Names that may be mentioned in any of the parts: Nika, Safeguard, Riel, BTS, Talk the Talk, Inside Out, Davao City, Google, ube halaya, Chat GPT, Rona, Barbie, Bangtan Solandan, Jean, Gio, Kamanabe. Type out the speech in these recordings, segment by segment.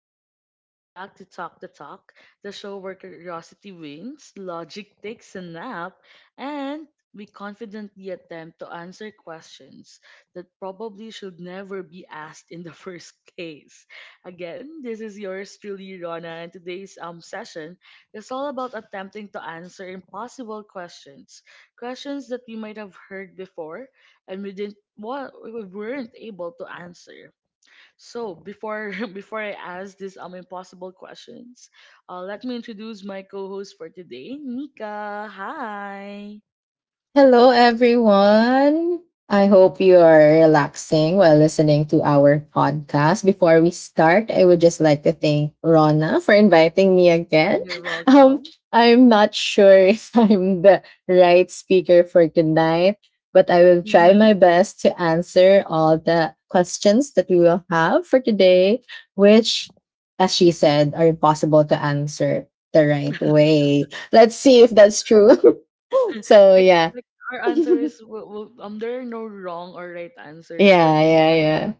everyone. Welcome back to Talk, the show where curiosity wins, logic takes a nap, and we confidently attempt to answer questions that probably should never be asked in the first place. Again, this is yours truly, Rona, and today's session is all about attempting to answer impossible questions, questions that we might have heard before and we didn't wa- we weren't able to answer. So before before I ask these impossible questions, let me introduce my co-host for today, Nika. Hi. Hello, everyone. I hope you are relaxing while listening to our podcast. Before we start, I would just like to thank Rona for inviting me again. You're Um, welcome. I'm not sure if I'm the right speaker for tonight, but I will try my Hmm. best to answer all the questions that we will have for today, which, as she said, are impossible to answer the right way. Let's see if that's true. So, like yeah. like our answers will, there are no wrong or right answers for Yeah, this yeah, yeah.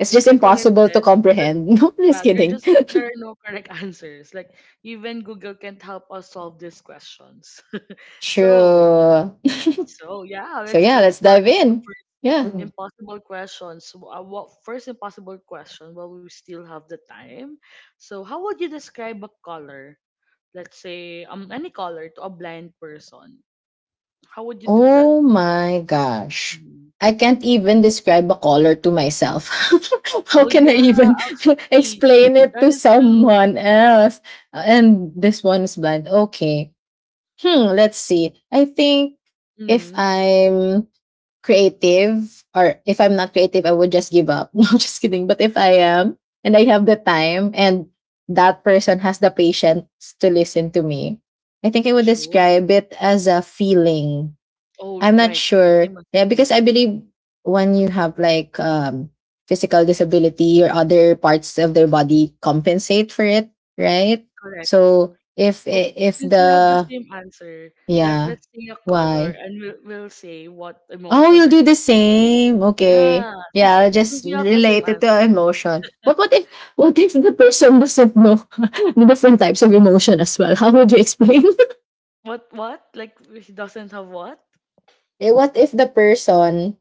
It's just because like what I've impossible to said, there, comprehend. No, yeah, just there kidding. just there are no correct answers. Like even Google can't help us solve these questions. so Sure. so yeah, So let's yeah, let's let's dive start. in. Yeah. Mhm. Impossible questions. What first impossible question while we still have the time. So, how would you describe a color? Let's say any color to a blind person. How would you do that? Oh my gosh. Mm. I can't even describe a color to myself. How Oh can I yeah, even actually, explain it that to is true. someone else? And this one is blind. Okay. Hmm, let's see. I think if Mm, I'm creative, or if I'm not creative, I would just give up. No, just kidding. But if I am, and I have the time, and that person has the patience to listen to me, I think I would sure. describe it as a feeling. Oh I'm not right, sure. same as Yeah, because me. I believe when you have like physical disability, or other parts of their body compensate for it, right? Correct. So if Oh, if since we have the the, same answer, that yeah. let's say a color, Why? and we'll say what Oh, emotion you'll or do the feeling. Same. Okay. Yeah, since Yeah, just since you have the relate same it to our answer. emotion. But what if the person doesn't know the different types of emotion as well? How would you explain? What what? Like he doesn't have what? Eh, what if the person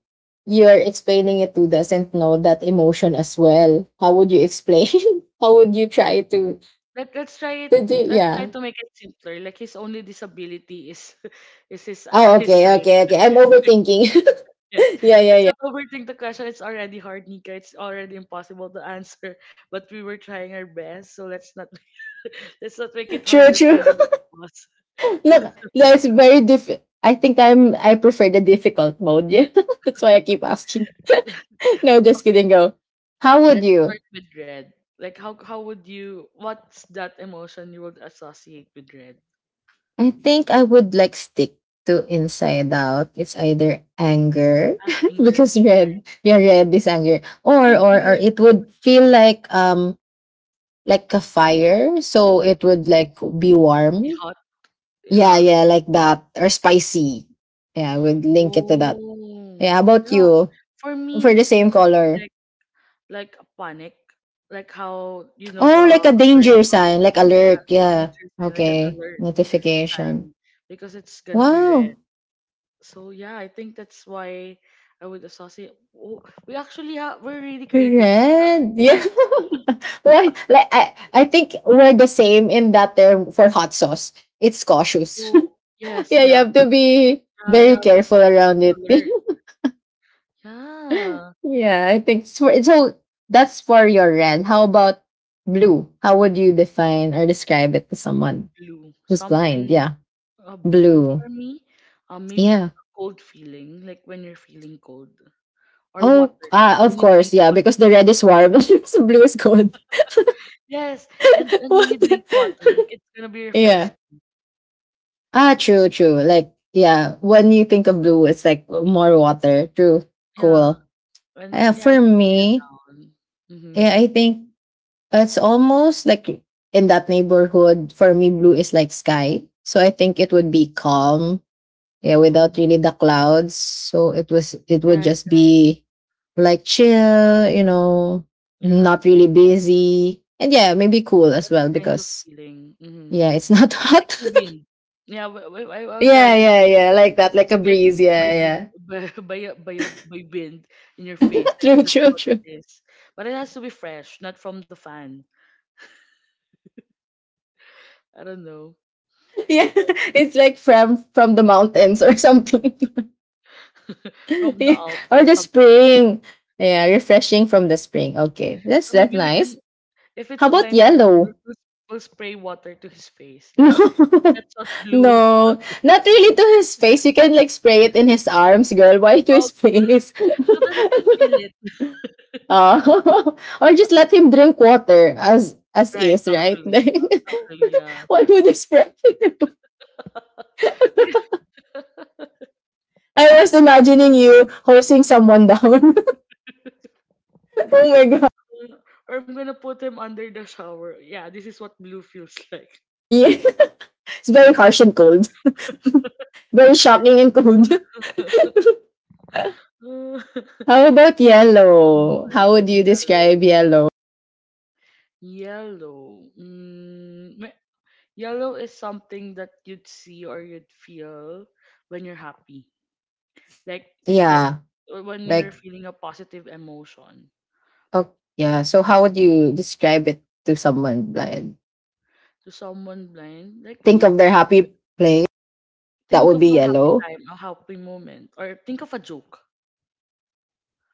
you're explaining it to doesn't know that emotion as well? How would you explain? How would you try to Let's try it. to do, Let's try yeah. to make it simpler. Like his only disability is is Oh, his okay, sight. okay, okay. I'm overthinking. Yes. Yeah, yeah, Let's yeah. not overthink the question. It's already hard, Nika. It's already impossible to answer. But we were trying our best, so let's not let's not make it True, harder for true. the both of us. Look, yeah, it's very difficult. I think I prefer the difficult mode. Yeah. That's why I keep asking. No, just Okay. kidding. Go. How would Let's you? start with red. Like how would you, what's that emotion you would associate with red? I think I would like stick to inside out. It's either anger Anger. because red, Right. yeah, red is anger, I or think or anger or is it would feel like a fire, so it would like be warm. uh, Yeah, yeah. yeah, like that, or spicy. Yeah, I would link it to that. Oh. Yeah, how about Yeah. you For me, for the it's same gonna be color? Like a panic, like how you know the Oh, like a alert, danger sign, like yeah, alert. like a Yeah. danger sign, like an Okay. alert Notification. sign, because it's gonna be red. Wow. So yeah, I think that's why I would associate. Oh, we actually have, we're really creative with that. Red. I Yeah. think. Why? Like I think we're the same in that term for hot sauce. It's cautious. Oh yes, Yeah, you yeah, have to be yeah, very yeah, careful it's around it. an alert. Yeah, Yeah, I think it's for, so. That's for your red. How about blue? How would you define or describe it to someone blue. who's blind? Something. Yeah, Blue blue. for me, maybe Yeah. a cold feeling, like when you're feeling cold, or Oh, water, ah, of when you course, drink yeah, because water. the red is warm, so blue is cold. Yes, and, and when you What? drink water, like it's gonna be Yeah. refreshing. Ah, true, true. Like, yeah, when you think of blue, it's like more water. True, Yeah, cool. and yeah, For it's to cool you me, down. Mm-hmm. yeah, I think it's almost like in that neighborhood. For me, blue is like sky, so I think it would be calm, yeah, without really Oh, the clouds. So it would right, just right. be like chill, Yeah, not really busy. And yeah, maybe cool that as well, kind of because feeling. Mm-hmm. yeah, it's not Like hot. Dubin. Yeah, I'll tell Yeah, him yeah, that, yeah. Like that that, if like a you get breeze. hit by, Yeah, dub, yeah. By, a- by, a- by wind in your face, like True, that's true, what it true. is. But it has to be fresh, not from the fan. I don't know. Yeah. It's like from the mountains or something. From the Yeah. Alps, Or the something like that. spring. Yeah, refreshing from the spring. Okay. That's So that's maybe we can, nice. if it's How a about blind person, we'll, yellow? we'll we'll spray water to his face. Like No, that's what blue felt no, not like. really to his face. You can like spray it in his arms, girl. Why to Oh, his okay, face? so that he can feel it. uh, or just let him drink water as Right, is, right? actually. Actually, yeah. What would you spray? I was imagining you hosing Mm. someone down. Oh my god. Or I'm gonna put him under the shower. Yeah, this is what blue feels like. Yeah, it's very harsh and cold. Very shocking and cold. Uh, I'm How such about a blue yellow? How person. would you describe Yellow. yellow? Yellow. Mm, may Yellow is something that you'd see or you'd feel when you're happy. Like like Yeah, when you're like. feeling a positive emotion Oh, yeah. So how would you describe it to someone blind? to someone blind. Like when Think you of their happy place. And that think would of be a happy yellow. time, a happy moment, or think of a joke.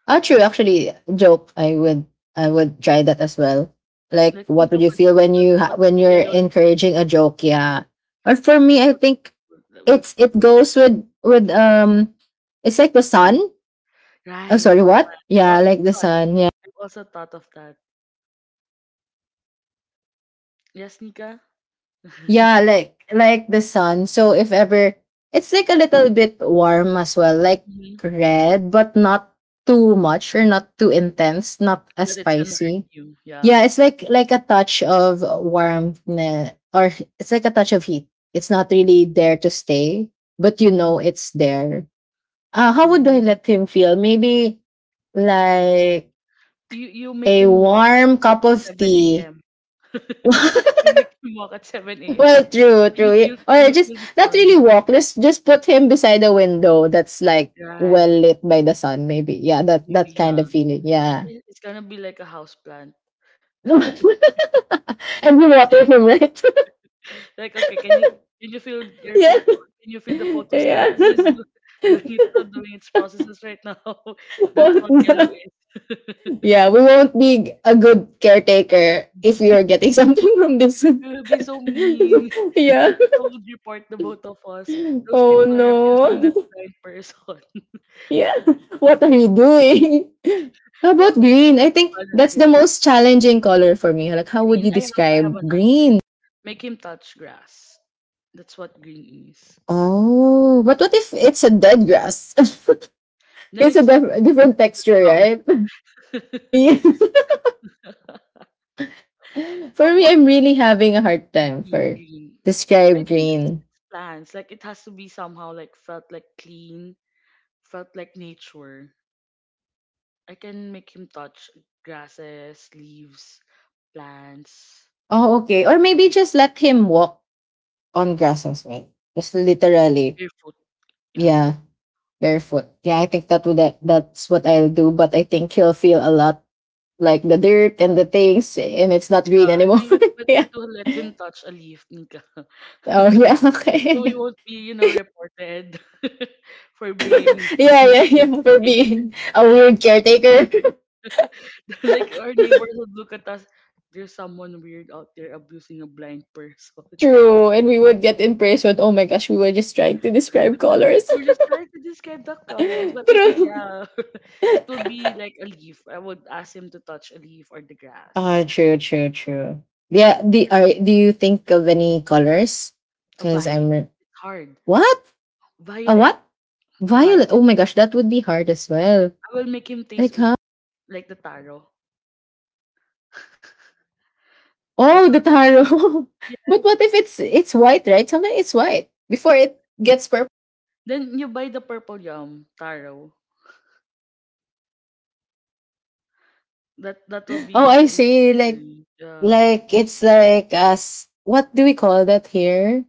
Ah, true. Actually, joke. I would. I would try that as well. Like, Like what think of would you a feel joke. When you're yellow looks encouraging a joke? Yeah. Or for me, that's I what think that would it feel like goes with it's like the the sun. sun. Oh, Right. sorry, The what? sun. Yeah, like The the sun. sun. Yeah. I've also thought of that. Yes, Nika? Yeah, like the sun. So if ever it's like a little bit warm as well, like Mhm. red, but not too much or not too intense, not as That it's gonna hurt spicy. you. Yeah. Yeah, it's like a touch of warmth, or it's like a touch of heat. It's not really there to stay, but you Mm-hmm. know it's there. How would I Mm-hmm. let him feel? Maybe like You make a him walk warm at cup of 7 tea. AM. You make him walk at 7 AM, Well, true, and true. Or you just feel the not sun. really walk. Just put him beside a window that's like well Right. lit by the sun, maybe. Yeah, that Maybe, that kind yeah. of feeling. Yeah. It's gonna be like a house plant. And we water him, right? Like, okay, can you feel your Yeah. photo can you feel the photosynthesis Yeah. do- doing its processes right now? That's what yellow Won't- is. yeah, we won't be a good caretaker if we are getting something from this. We will be so mean. Yeah. People would report the both of us. Those Oh people are abusing that no. blind person. Yeah. What are you doing? How Well, about green? we're I so think bad that's at the it. most challenging color for me. Like, how Green. would you I have describe an answer. green? Make him touch grass. That's what green is. Oh, but what if it's a dead grass? Then It's a it's not, different that's texture, brown. right? Yeah. Oh, For me, what I'm really having a hard time green for green? I describe think green. it's plants. Like it has to be somehow like felt like clean, felt like nature. I can make him touch grasses, leaves, plants, Oh, okay. Or maybe just let him walk on grass as well. Just literally. barefoot. Yeah. Yeah, barefoot. Yeah, I think that's what I'll do. But I think he'll feel a lot like the dirt and the things, and it's not green I anymore. think it's better Yeah. to let him touch a leaf, Nika. Oh yeah. So we Okay. won't be, you know, reported for Yeah, being like yeah, yeah. For being a weird caretaker. like our neighbors would look at us. There's someone weird out there abusing a blind person. True. And we would get imprisoned. Oh my gosh, we were just trying to describe colors. We're just trying to describe the colors, but I think True. yeah, it would be like a leaf. I would ask him to touch a leaf or the Ah, grass. true, true, true. Yeah. Do you think of any colors? A Because violet. I'm. It's hard. What? A what? Violet, Violet. Oh violet. my gosh, that would be hard as well. I will make him Like, huh? like the taro. The Oh, the taro. taro. Yeah. But what if it's white, right? Sometimes it's white before it gets purple. Then you buy the purple yum taro. That that will Oh, be I the see. easiest Like way. Yeah. like it's like us. What do we call that here?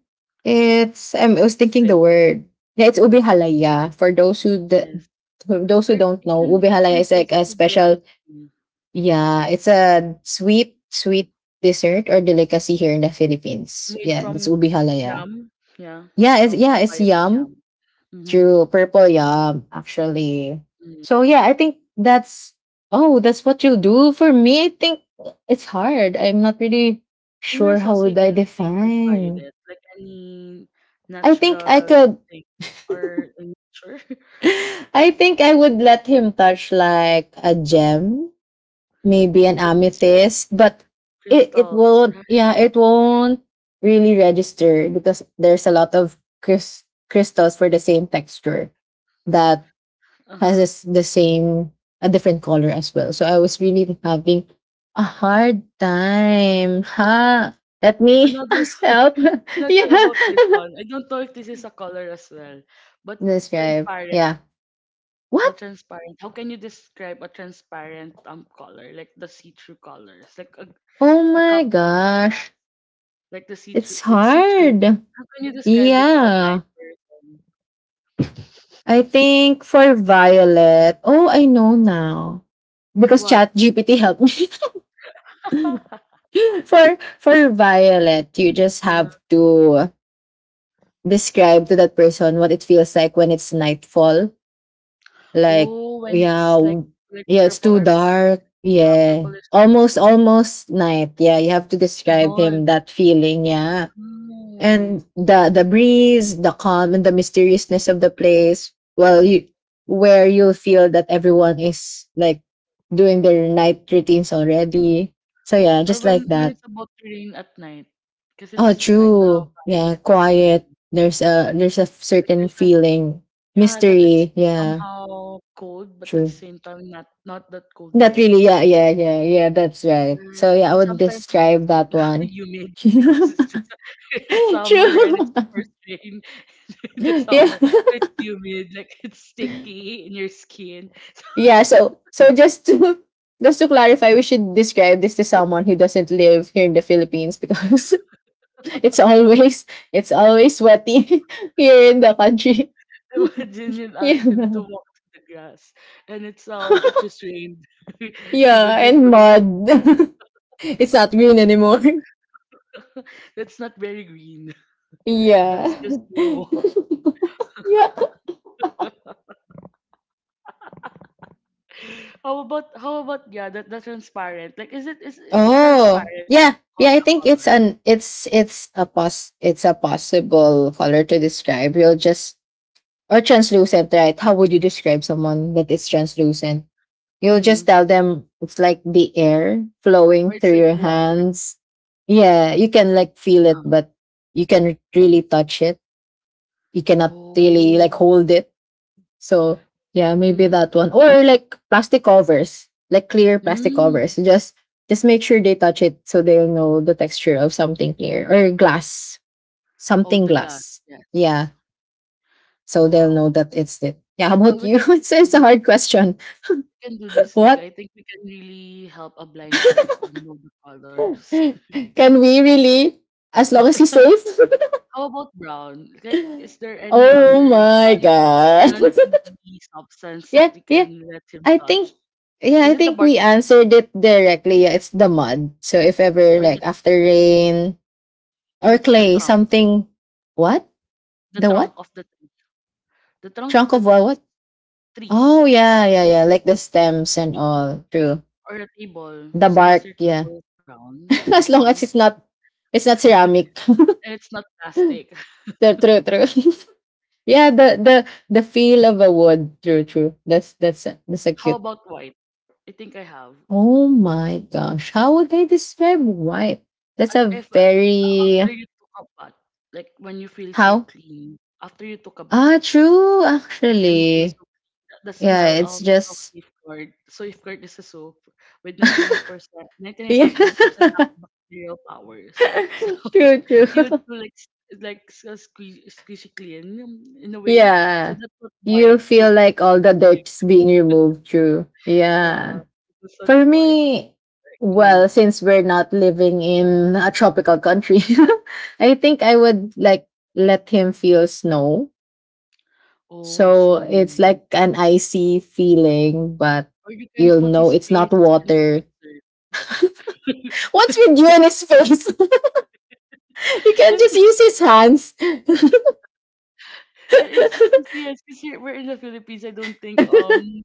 I was thinking Ube. the word. Yeah, it's ube Ube. halaya. For those who the Yes. those who Or don't he know, can ube he halaya can is like taste a ube special. ice cream. Yeah, it's a sweet sweet dessert or delicacy here in the Philippines. Made Yeah, it's from ube halaya. yam. Yeah. Yeah, it's From yeah, the it's violet yum. yam. Mm-hmm. True, Purple Yum, actually. Mm. So yeah, I think that's what you'll do. For me, I think it's hard. I'm not really Can you sure how associate would I anything with define. violet? Like any I think I natural could. thing or in nature? I think I would let him touch like a gem, maybe an Oh, amethyst, but it, it crystals. won't Right? yeah, it won't really register, because there's a lot of crystals for the same texture that has Uh-huh. this, the same a different color as well. So I was really having a hard time. Huh? Let me Another ask help. I'm not sure Yeah. about this one. I don't know if this is a color as well. But Describe. transparent. Yeah. The What? transparent. How can you describe a transparent color? Like the see-through colors. Like Oh a cup my of black. gosh. Like the see-through. It's It's see-through. hard. How can you describe it to a Yeah. blind person? I think for Violet. Oh, I know now. Because What? Chat GPT helped me. For Violet, you just Uh-huh. have to describe to that person what it feels like when it's nightfall. Like, Oh, when yeah, it's like yeah, it's purple too or pink, dark. ah, Yeah. purple is or Almost, pink. almost night. Yeah, you have to The describe him dawn. that feeling. Yeah. Mm. And the breeze, the calm, and the mysteriousness of the place. Well, you where you'll feel that everyone is like doing their night routines already. So yeah, Or just like when it's that. about to rain at night, because Oh, it's kind of true. Yeah, violet as well. quiet. There's a Like certain there's an, feeling, yeah, that it's mystery. Yeah, somehow cold, but at the true. same time not not that cold Not yet. really. Yeah, yeah, yeah, yeah. That's right. Right. So yeah, And I would sometimes describe that it's one. humid because it's just it's summer and it's True. the first rain in the Yeah, summer. So it's humid, like it's sticky in your skin. yeah. So just to clarify, we should describe this to someone who doesn't live here in the Philippines, because it's always it's always sweaty here in the country. Imagine you Yeah, ask him to walk through the grass and it's it just rained. He will yeah, be and full of mud. It's not green anymore. that's not very green. That's Yeah, just you. yeah. How about yeah that the transparent, like is it, is Oh, transparent a yeah, yeah. I a think it's color? an it's it's a pos it's a possible color to describe. You'll just Or translucent, right? How would you describe someone that is translucent? You'll Mm-hmm. just tell them it's like the air Or flowing it's through like your the water. hands. Yeah, you can like feel Yeah. it, but you can really touch it. You cannot really like Oh. hold it. So yeah, maybe Mm-hmm. that one. Or like plastic covers, like clear plastic Mm. covers. Just make sure they touch it so they'll know the texture of something clear. Or glass. Oh, Something the glass. glass. Yeah. Yes. So they'll know Wow. that it's it. Yeah, how Well about we you? can we It's, can it's do a hard this, question. we can do this, Nika. I What? think we can really help a blind person know the colors. Can we really? As long as he's safe? How about brown, like is there any Oh other my non god. non EV substance that Yeah, we can yeah. let him I touch? think yeah, Is I it the think bark we of the, answered it directly. Yeah, it's the mud. So if ever or the, like after rain, or the clay, trunk? something what? The The trunk what? of the tree. The trunk of Trunk the of what? trees. What? Trees. Oh yeah, yeah, yeah. Like the stems and all. True. Or a table. The As long as bark, your yeah. table is brown, I As long think. as it's not ceramic. And it's not plastic. True, true, true. Yeah, the feel of a wood. True, true. That's a How cute. about white? I think I have. Oh my gosh, how would I describe wipe? That's And a if very. after you took a bath, like when you feel so How? clean, after you took a bath, Ah, true, like when you feel actually. so clean, the smell Yeah, it's of just. safeguard. Safeguard is a soap with 99%, Yeah. 99.9% antibacterial powers. So True, true. you to squeeze squeeze it clean in a way. So Yeah. that's what white You feel would like all the be like. dirt's being removed, true. Yeah, Yeah. that's what For white. me, Mm. well, since we're not living in a tropical country, I think I would like let him feel snow. Oh, So snow. it's like an icy feeling, but Or you can you'll put know his it's not face in the water. freezer. What's with you and his face? He Because can just use his hands. it's yes, because here we're in the Philippines. I don't think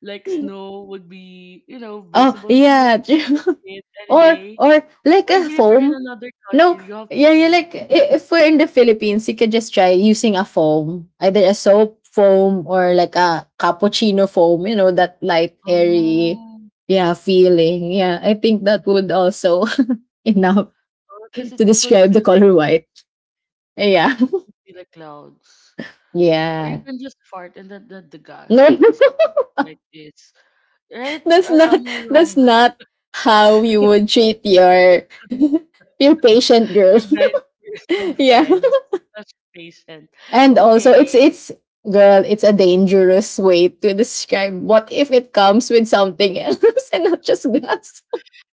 like snow would be you know Oh visible here. You yeah, true. could see it any or day, or or like even a if you're in foam. another country, you No, have to yeah, wait. yeah. Like if we're in the Philippines, you can just try using a foam, either a soap foam or like a cappuccino foam. You know that light, airy, Oh, yeah, feeling. Yeah, I think that would also enough because to it would feel, describe the color white. Yeah. see the clouds. Or you Yeah. can just fart and then the No. gas that's like this. Right? that's Or not am I that's wrong? not how you would treat your your patient A girl. blind person Yeah. friend. That's patient. And also it's Okay. it's girl, it's a dangerous way to describe what if it comes with something else and not just gas.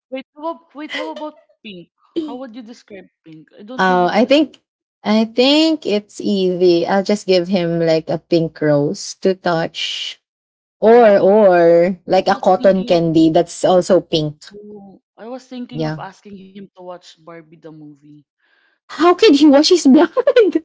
Wait, how about pink? How would you describe pink? I don't know how to Oh, describe. I think it's easy. I'll just give him like a pink rose to touch. Oh, Or I like a was thinking cotton of candy that's also pink. oh, I was thinking of Yeah. asking him to watch Barbie the movie. How It can it he wash his blood?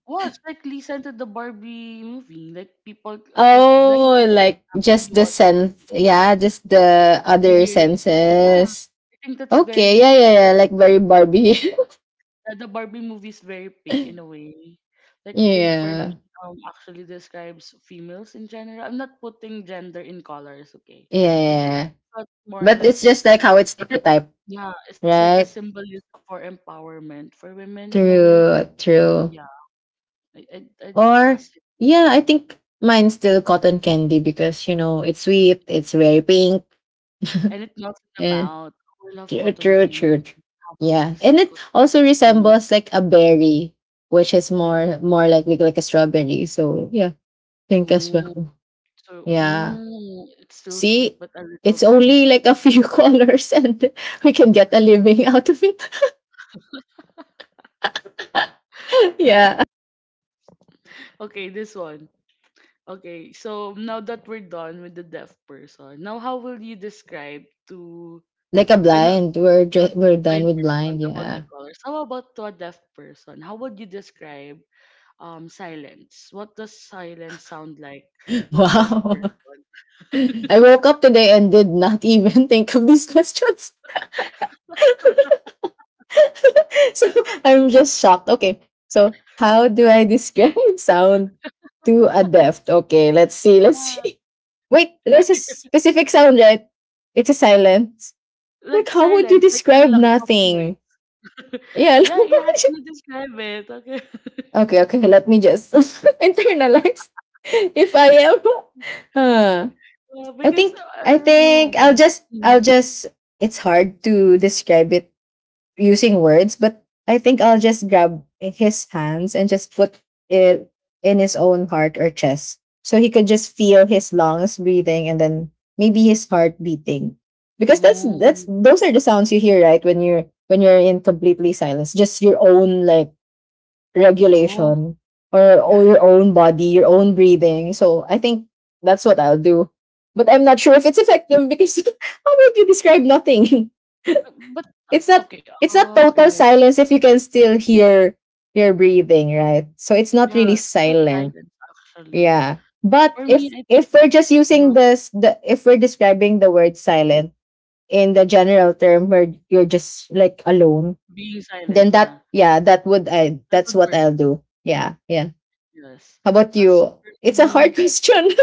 was like Lisa into the Barbie movie. Like blind Oh, people like just actually the watch, sense. Yeah, just the just by other hearing. Yeah, senses. I think that's Okay, very yeah, yeah, yeah. Like very Barbie. The Barbie movie is very pink in a way. Like Yeah. pink for me Yeah, actually describes females in general. I'm not putting gender in colors, okay? It's yeah. not more But like it's just like how it's stereotyped, yeah, it's like a right? symbolism for empowerment for women in a way. True, So true. yeah, I I I Or asked it. yeah, I think mine's still cotton candy because you know it's sweet, it's very pink. And it melts in the Eh, mouth. Oh, I love true, cotton true, candy. true, true. Haven't Yeah, tasted and it cotton also candy. resembles like a berry, which is more like like a strawberry. So yeah, pink as Mm. well. So, Yeah. mm, it's still sweet See, but a little it's only tangy. like a few colors, and we can get a living out of it. Yeah, Okay, this one. Okay, so now that we're done with the deaf person, now how will you describe to like a I not blind. We're not just we're blind done with person blind. about the Yeah. colors? How about to a deaf person? How would you describe silence? What does silence sound like to a deaf Wow. person? I woke up today and did not even think of these questions. So I'm just shocked. Okay. So how do I describe sound to a deaf? Okay, let's see. Let's Yeah. see. Wait, there's a specific sound, right? It's a silence. Like Like how would you silence, like the describe lack of nothing? noise. Yeah. Yeah, you have to describe it. Okay. Okay, okay. Let me just internalize. If I am uh, Well, I because think I I don't know. I'll Mhm. just, it's hard to describe it using words, but I think I'll just grab his hands and just put it in his own heart or chest. So he could just feel his lungs breathing and then maybe his heart beating. Because that's Oh, those are the sounds you hear, right? When you're in completely silence. Just your own like oh, regulation or your right. own body, your own breathing. So I think that's what I'll do. But I'm not sure if it's effective because how would you describe nothing? But it's not okay. it's not Oh, total right. silence if you can still hear your breathing, right? So it's not Yeah, really that's not silent. silence actually. Yeah. But For me, if I think we're just uh, using this the if we're describing the word silent in the general term where you're just like alone, being silent. then Yeah, that yeah, that would I that would that's what work. I'll do. Yeah. Yeah. Yes. How about As you? for It's a hard me, question.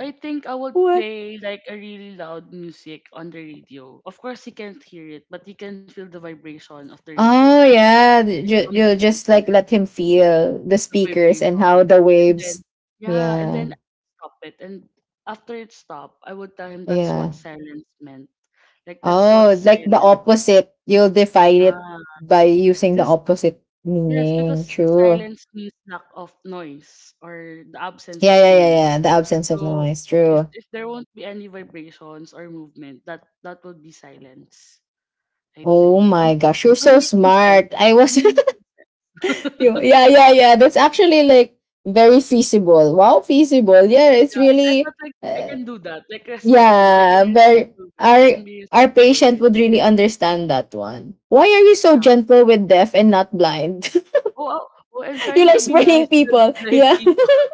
I think I would What? play like a really loud music on the radio. Of course, you can't hear it, but you can feel the vibration of the radio, Oh right? yeah, Like from the you just speaker like let him feel the speakers and vibration. how the And then, waves. yeah, and Yeah, then stop it. And after it stopped, I would tell him that's yeah. what silence meant. Like that's what Oh, like the silence would be. opposite. You'll define Yeah, it by using because the opposite yes, because meaning. True. silence means lack of noise or the absence Yeah, of yeah, yeah, noise. yeah. The absence of So noise. if True. if there won't be any vibrations or movement, that would be silence, I Oh think. Am, my gosh, am you're I so making sense? smart. I Am was. I making You- sense? Yeah, yeah, yeah. That's actually like very feasible. Wow, feasible. Yeah, it's Yeah, I really felt like I uh, can do that, like respectfully, like in yeah, a very, respectful way. It can our be our respectful, patient right? would really understand that one. Why are you so Yeah. gentle with deaf and not blind? Oh, oh, oh, I'm You trying like to be spraying nice to the people. blind Yeah. people.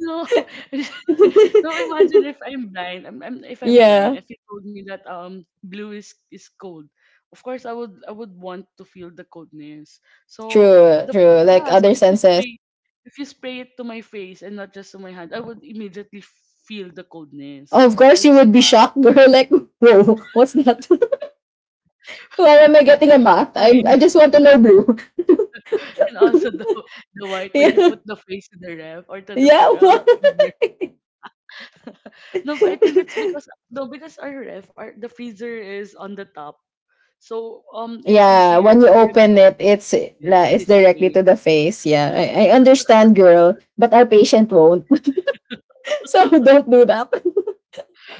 No, no. Imagine if I'm blind. If I'm blind, Yeah, if you told me that blue is cold, of course I would want to feel the coldness. So true, the true. Like yeah. So other senses. If you spray it to my face and not just to my hand, I would immediately feel the coldness. Oh, of course, you That's would be shocked, girl. Like, whoa, what's that? Why am I getting a bath? why. I, I just want to know blue. And also the white when you Yeah, put the face to the ref or to the yeah. What? freezer. No, but I think it's because no, because our ref, our, the freezer is on the top, so it's Yeah, easier when you for him to open like it, it's fit la, with it's his directly to face. the face. Yeah, I understand, girl, but our patient won't. So don't do that.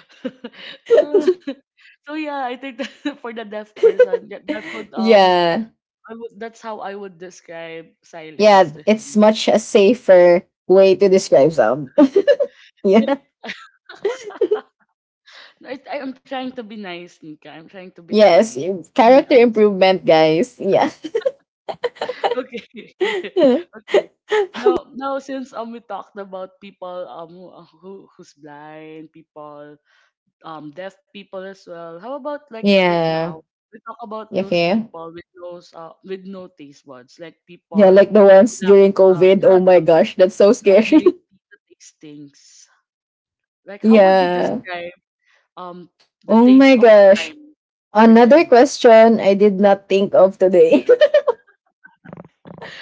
Uh, so yeah, I think that for the deaf person, that would Yeah, I would, that's how I would describe yeah. silence to It's him. much a safer way to describe some. Yeah. I'm trying to be nice, Nika. I'm trying to be Yes, kind with my character answer. improvement, guys. Yeah. Okay. Okay. Now since we talked about people who who's blind, people deaf people as well. How about like right Yeah. now we talk about those Okay. people with those with no taste buds, like Yeah, people like the who ones lack during COVID. yeah, Oh the my gosh, that's so scary. ability to taste things. Like how would you Yeah. describe um the Oh taste my of gosh. time for Another them? question I did not think of today.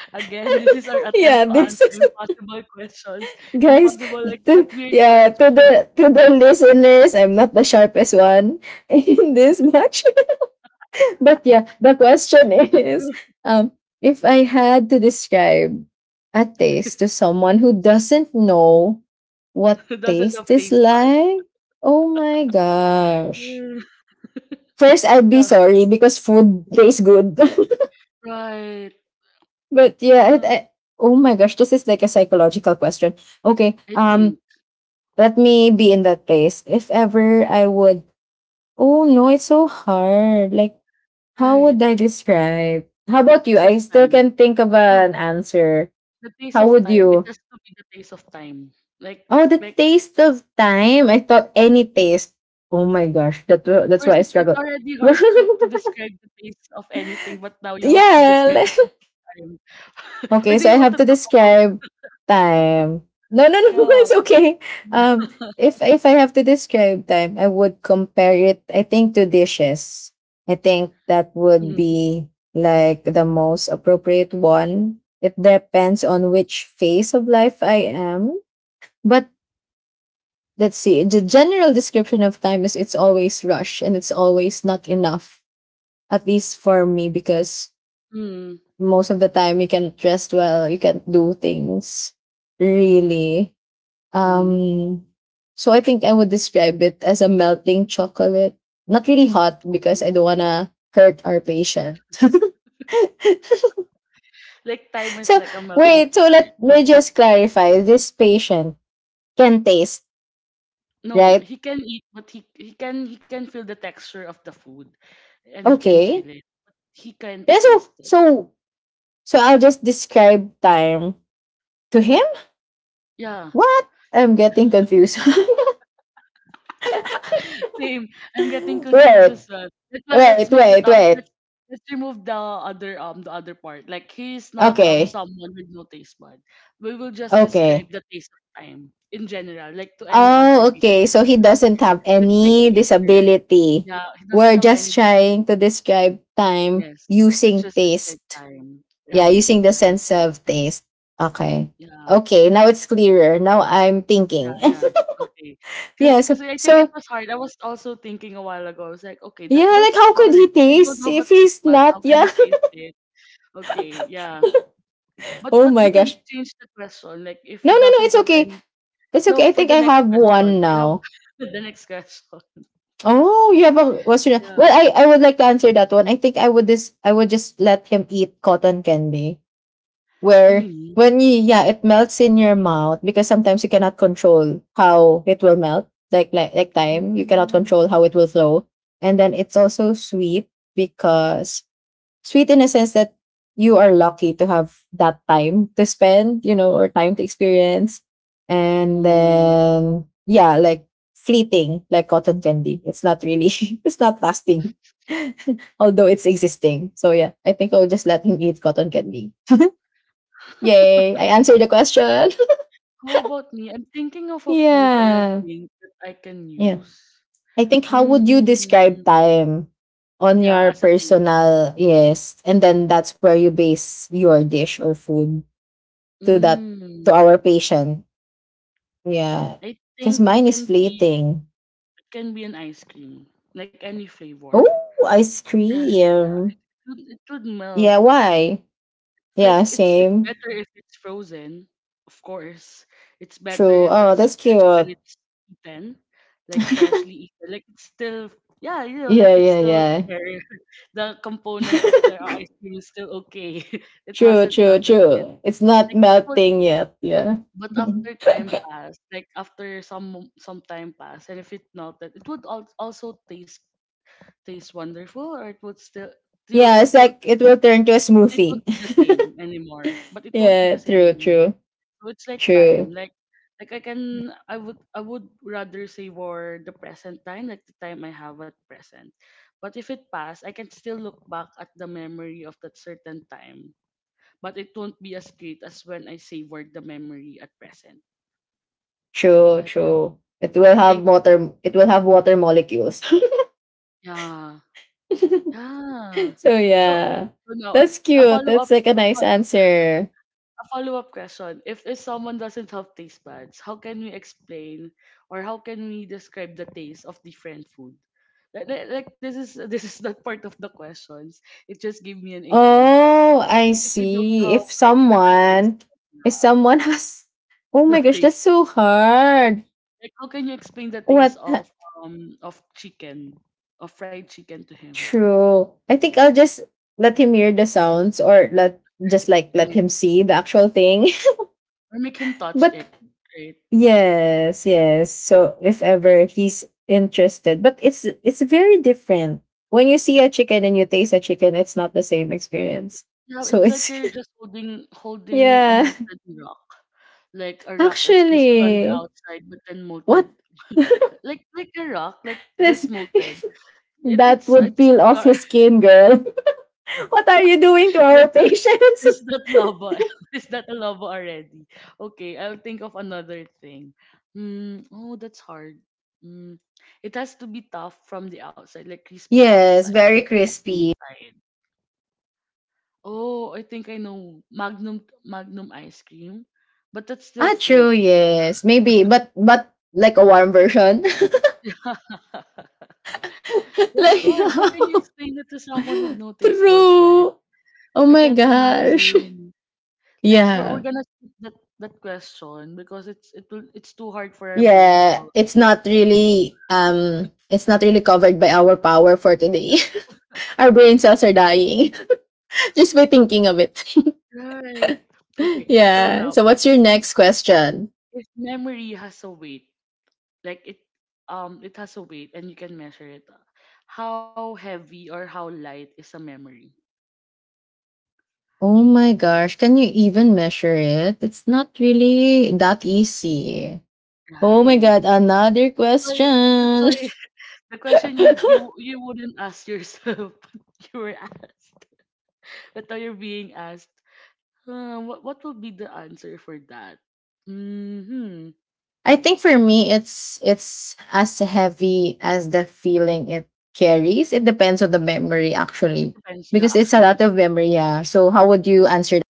Again, this is our Yeah, attempt to this answer is impossible questions, guys. impossible like not To, weird yeah, questions. to the listeners, I'm not the sharpest one in this much. But yeah, the question is, um, if I had to describe a taste to someone who doesn't know what Dozens of taste is taste buds. like? Oh my gosh. Yeah, First, I'd be yeah, sorry because food tastes good. right. But yeah, it, Uh, I, oh my gosh, this is like a psychological question. Okay, I think, let me be in that place. If ever I would, oh no, it's so hard. Like, how right. would I describe? How The about you? taste of I still time. can think of No, an answer. the taste How of would time. It you? has to be the taste of time. Like, Oh, the like taste of time. I thought any taste. Oh my gosh, first, that's it's why I it's struggle. already hard to describe the taste of anything, but now you have to describe Yeah. the taste of time. Or Okay, do so you I want to have to talk about? describe time. No, no, no, Yeah. it's okay. If I have to describe time, I would compare it. I think to dishes. I think that would be like the most appropriate one. It depends on which phase of life I am. But let's see. The general description of time is it's always rush and it's always not enough. At least for me, because Mm-hmm. most of the time you can't dress well, you can't do things really. Mm-hmm. Um, so I think I would describe it as a melting chocolate. Not really hot because I don't Oh. wanna hurt our patient. Like time is So like a melting wait, so chocolate. let me just clarify. This patient can taste, No, right? he can eat, but he can feel the texture of the food, and he can feel Okay. it. He can Yeah, so taste it. so so I'll just describe time to him. Yeah, What? I'm getting confused. same. I'm getting confused Right. as well. Let's Wait, make it wait, up. wait. Let's remove the other part. Like he's not Okay. someone with no taste bud. We will just describe Okay. the taste of time in general, like to any other Oh, people. okay. So he doesn't have Let's make it any easier. disability. Yeah, he doesn't We're have any just trying to disability. describe time Yes, let's using just describe taste. time. Yeah, Right. using the Right. sense of taste. Okay. Yeah. Okay, now it's clearer. Now I'm Yeah, thinking. yeah. Okay. Cause, Yeah, cause I think it was hard. I was also thinking a while ago. I was like, okay, yeah, that like that's how could hard. he If I don't taste have a if taste he's bud, not, how can yeah? you taste it? Okay, yeah. But Oh we my can gosh. change the question. Like if No, no, it no, doesn't it's have okay. any It's okay. no, I for think the I next have question. one I have now. the next question. Oh, you have a Western. Well, Yeah. I would like to answer that one. I think I would just let him eat cotton candy where Really? when you yeah, it melts in your mouth because sometimes you cannot control how it will melt. Like like time, you cannot Mm, control how it will flow. And then it's also sweet because sweet in a sense that you are lucky to have that time to spend, you know, or time to experience. And hmm. then, yeah, like fleeting, like cotton candy. It's not really, it's not lasting, although it's existing. So, yeah, I think I'll just let him eat cotton candy. Yay, I answered the question. How about me? I'm thinking of a food or a Yeah. drink that I can Yeah. use. I think how would you describe Mm, time on yeah, your as a taste. personal yes and then that's where you base your dish or food to that to Mm. our patient. Yeah, I because think mine is fleeting. it can be an ice cream, like any flavor. Oh, ice Right, yeah. cream. It would melt. Yeah, why? Like Yeah, it's same. better if it's frozen, of course. It's better True. if Oh, it's that's fresh when cute. it's eaten, like freshly eaten. Like it's still yeah, you know, like Yeah, it's yeah, still yeah. there. The component of the ice cream is still okay. It True, hasn't true, melted yet. true. It's not Like it would melting yet. Yeah. But after time pass, like after some time pass, and if it melted, it would also taste wonderful, or it would still Yeah, it's still like it taste, will turn to a but it won't smoothie. be the same anymore. But it won't be Yeah, the same true, anymore. true, So it's like true, time, I can I would rather savor the present time, like the time I have at present. But if it pass, I can still look back at the memory of that certain time, but it won't be as great as when I savored the memory at present. true, Like true. It will I have think it's- water. It will have water molecules. yeah. Yeah. So So yeah, so now that's a cute. follow-up That's like a a nice fo- answer. a follow-up question. If someone doesn't have taste buds, how can we explain or how can we describe the taste of different food? Like this is this is not part of the questions. It just gave me an idea. Oh, I Like, if I don't see. have like the taste, buds, If yeah, someone has, oh the my gosh, that's taste. so hard. Like how can you explain the taste What? The- of chicken, of fried chicken to him? True. I think I'll just let him hear the sounds or let just like let Right. him see the actual thing. Or make him touch But it. Right. yes, yes. So if ever he's interested, but it's very different. When you see a chicken and you taste a chicken, it's not the same experience. Yeah, So it's it's. like you're just holding a Yeah. molten rock. Like a rock is crispy on the Actually, outside, but then what molted. Like a rock, like this just molted. It that it's would it's peel not off your skin, girl. What are you doing to that our patients? it's not lava. It's not a lava already. Okay, I'll think of another thing. Mm, oh, that's hard. Mm, it has to be tough from the outside, like crispy Yes, outside, very but soft crispy. inside. Oh, I think I know. Magnum ice cream, but that's still Ah, food. true. Yes, maybe, but like a warm version. That's Like hard. How can you explain it to someone with no taste buds, right? true. Oh I my can't gosh. imagine. Like we're Yeah. gonna skip that question because it's it will it's too hard for our brain Yeah, cells. It's not really covered by our power for today. Our brain cells are dying just by thinking of it. Right. Okay. So Yeah. now, So what's your if next question? Memory has a weight, like it it has a weight and you can measure it, how heavy or how light is a memory? Oh my gosh, can you even measure it? It's not really that easy. Oh my Right. god, another That's why that's question. why the question you wouldn't ask yourself, but you were asked. But now you're being asked, what will be the answer for that? Hmm. I think for me it's as heavy as the feeling it carries. It depends on the memory It actually. depends, yeah, Because it's a actually. lot of memory, yeah. So how would you answer that?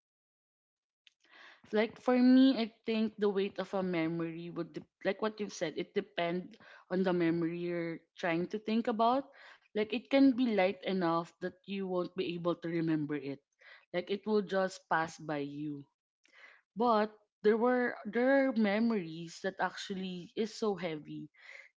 Like for me, I think the weight of a memory would, like what you said, it depend on the memory you're trying to think about. Like it can be light enough that you won't be able to remember it. Like it will just pass by you. But there are memories that actually is so heavy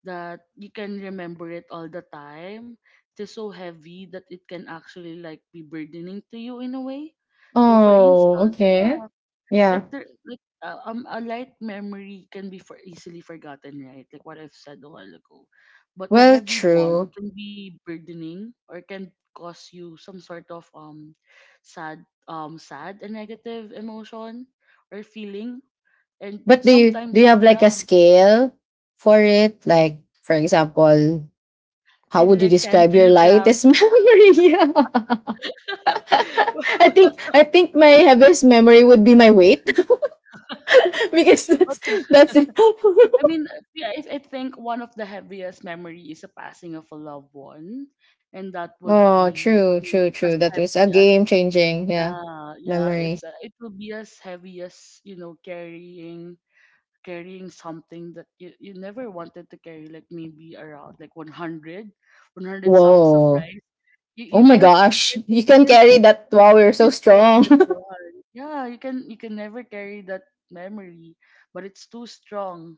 that you can remember it all the time. It is so heavy that it can actually like be burdening to you in a way. So for Oh, instance, okay. yeah, Yeah. Like a light memory can be for easily forgotten, right? Like what I've said a while ago. But a Well, heavy one true. can be burdening or can cause you some sort of sad sad and negative emotion or feeling. And But do you do sometimes you have like a yeah, scale for it? Like for example, how and would you like ten describe your kilograms. lightest memory? Yeah. I think my heaviest memory would be my weight because But that's it. I mean, yeah, I think one of the heaviest memory is the passing of a loved one, and that would Oh, be true, true, as true. That was heavy a as game changing, yeah, yeah, yeah. memory. It's it will be as heavy as, you know, carrying something that you never wanted to carry, like maybe around like 100, 100 sacks of Whoa. rice. You you Oh my can you gosh, can you you can carry that. Wow, you're you so can carry strong. that one. Yeah, you can never carry that memory, but it's too strong.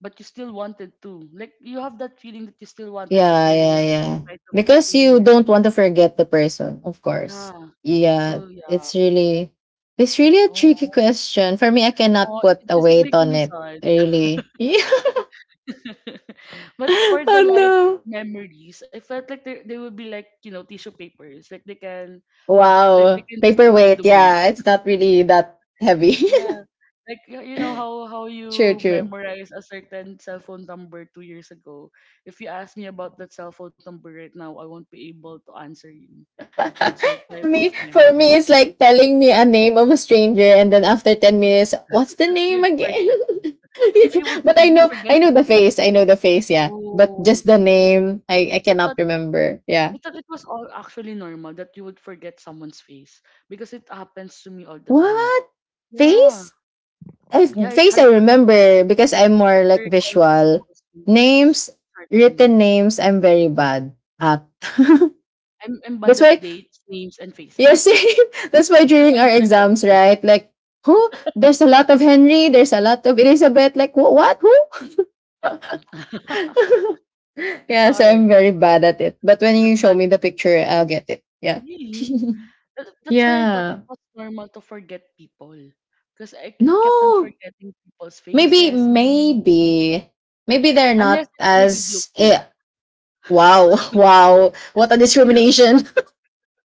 But you still wanted to. Like you have that feeling that you still wanted to Yeah, carry yeah, it, yeah. despite of it Because being you heavy. don't want to forget the person, of course. Yeah. Yeah, So yeah. it's really, it's really a tricky Oh. question. For me, I cannot Oh, put a this is weight making on me it, sad. really. Yeah. But for Oh, the light no. memories, I felt like there would be like, you know, tissue papers. Like they can it, like they Wow. can just go with Paperweight. the wind. Yeah, it's not really that heavy. Yeah. Like you know how True, you true. memorize a certain cell phone number 2 years ago. If you ask me about that cell phone number right now, I won't be able to answer you. That sort for type of me, for memory. me, it's like telling me a name of a stranger, and then after 10 minutes, what's the name You'd forget again? it. Or you would But I you know I forget the know the face. face. I know the face, yeah. But Oh, just the name, I I cannot thought remember. I Yeah. thought it was all actually normal that you would forget someone's face because it happens to me all the time. What? Yeah. Face? Yeah, it's Face I hard for me to, remember because I'm more to like recall visual. people's faces. It's Names, hard for me. written names, I'm very bad at. I'm bad That's at why dates, names, and you're faces. saying, that's why during I'm our bad at exams, right? Like who? There's a lot of Henry, there's a lot of Elizabeth. Like what? Who? everything. It's Yeah, so hard. I'm very bad at it. But when you I'm show bad. me the I'm bad. picture, I'll Yeah. get it. Yeah. Really? That's why I thought Yeah. it was normal to forget people. Because kept on No. forgetting people's Maybe, faces, names. maybe, maybe they're not Unless they're good as. Eh, looking. wow, wow. What a discrimination.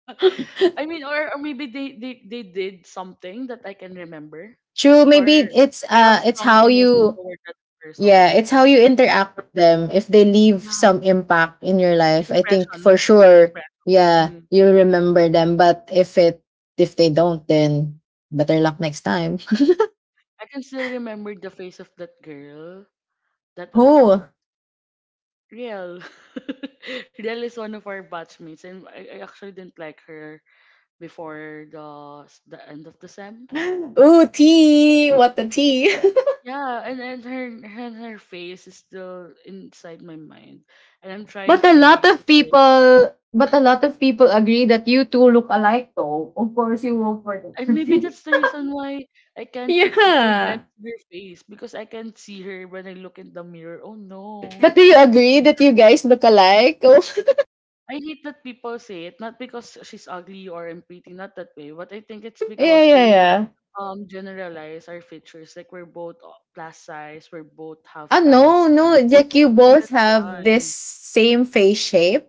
I mean, or maybe they did something that I can remember, True. or Maybe it's like I uh, have it's strong how emotions you. toward that Yeah, person. it's how you interact with them. If they leave Yeah, some impact in your life, I think impression, like for a good sure. impression. Yeah, Mhm. you'll remember them. But if it if they don't, then better luck next time. I can still remember the face of that girl. That Oh, Riel. Riel is one of our batchmates, and I actually didn't like her before the end of the sem. oh, tea. What the tea? Yeah, and, and her face is still inside my mind, and I'm But trying a to lot erase of it. people, but a lot of people agree that you two look alike though. Of course, you vote for them. And maybe that's the reason why I can't forget Yeah. her face because I can't see her when I look in the mirror. Oh no. But do you agree that you guys look alike? Oh, I hate that people say it, not because she's ugly or I'm pretty, not that way, but I think it's yeah, because yeah, they yeah. Generalize our features. Like we're both plus size, we're both have Ah, tan no, no. skin. Like, you I think both that's have why. this same face shape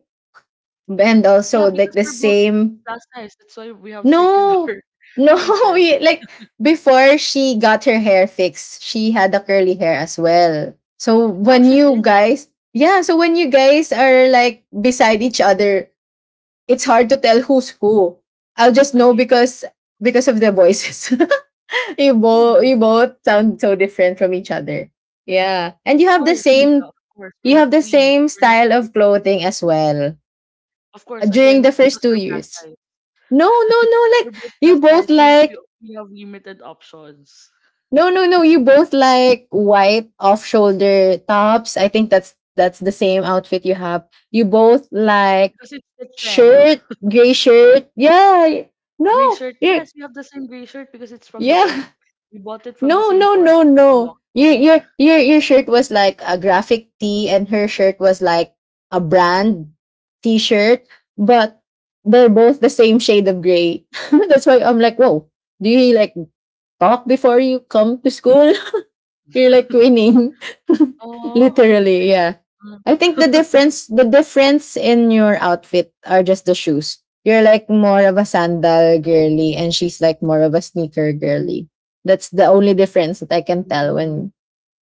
and Yeah, also like because the we're both same. plus size. That's why we have circular No, no, faces. we like before she got her hair fixed, she had the curly hair as well. So I when actually you did. guys, yeah, so when you guys are like beside each other, it's hard to tell who's who. I'll just I know hate. Because of their voices. you both Really? you both sound so different from each other. Yeah, Of and you have the course, Nika, same of course. We're you have not the twins. same We're not style of related to each clothing as other. well Of course, during the again, because first two we're plus years. size. No, no, no, like We're both you plus both size. Like. We have limited options. No, no, no. You both like white off-shoulder tops. I think that's the same outfit you have. You both like Because it's the trend. shirt, gray shirt. Yeah. Gray No. shirt, Yeah. yes, we have the same gray shirt because it's from the Yeah. org. We bought it from the No, same no, org no, that we belong. no. Your shirt was like a graphic tee and her shirt was like a brand t-shirt, but they're both the same shade of gray. That's why I'm like, whoa, do you like talk before you come to school? You're like twinning. Oh, I hate Literally, it. yeah. Mm. I think the difference the difference in your outfit are just the shoes. You're like more of a sandal girly and she's like more of a sneaker girly. That's the only difference that I can tell Mm,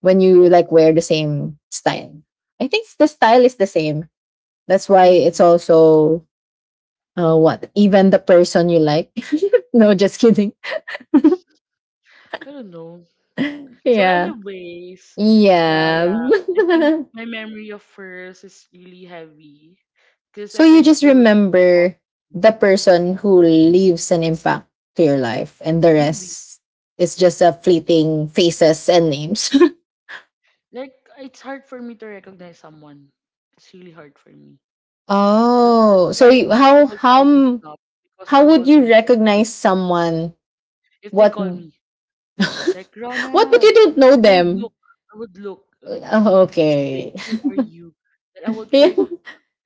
when you like wear the same style. I think the style is the same. That's why it's mhm. also what even the person you like. No, just kidding. I don't know. So Yeah. anyways, yeah, Yeah. yeah. I think my memory of hers is really heavy because I So can you just still think about remember the person who leaves an impact to your life and the maybe rest is just a fleeting faces and names. like it's hard for me to recognize someone. It's really hard for me. That's Oh, so why people would call me snob because I how would you wouldn't recognize recognize someone if they what call me like what but Rana, you don't know and them? I would look like, Oh, "Just wait, okay. who are you? And I would Yeah, try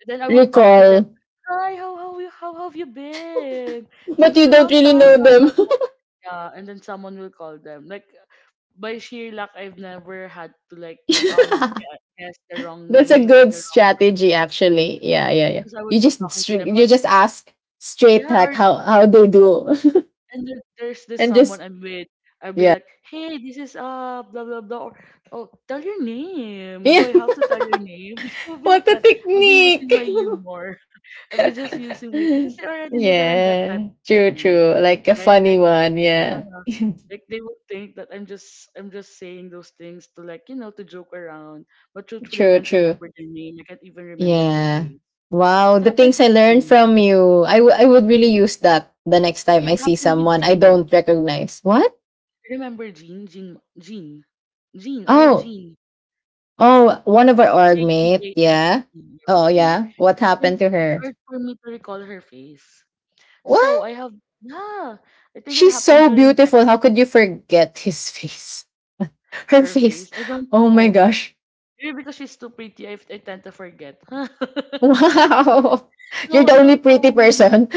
then I would talk to them, recall, "Hi, how have you been? It's but been you a don't long really time, know blah blah them. blah." Yeah, and then someone will call them. Like by sheer luck, I've never had to like guess the wrong That's a name or good the wrong strategy, spot actually. Yeah, yeah, yeah. because I would You be just talking to them or you just ask straight yeah or hack how they do, and there, there's this and someone just I'm with. I'll be yeah, like, hey, this is blah blah blah. Or, oh, tell your name. Do yeah. I have to tell your name? It will be What like a that. I'll be using my technique! humor. I'll be just using my because they already know that I'm that type Yeah, of true, person, right? true. Like a Like I funny one. Yeah, uh, like they would think that I'm just saying those things to like you know to joke around. But truthfully, I true, can't true. remember their name. I can't even remember their Yeah. face. It Wow, the happened things with I learned Jean. from you. I would really use that the next time I It see happened with someone I Jean. don't recognize. What? Remember Jean? Jean, Jean, Jean, or Oh, Jean, oh, one of our org J E mate. A N N Yeah. E, yeah, Oh, Jean. yeah. What I can't, happened to it's her? hard for me to recall her face. So I What? have, yeah, I think it She's so beautiful. How could you forget his face? Her her face. face. I don't Oh my know. gosh. Maybe because she's too pretty, I tend to forget. Wow. No, You're I the don't only pretty know. person.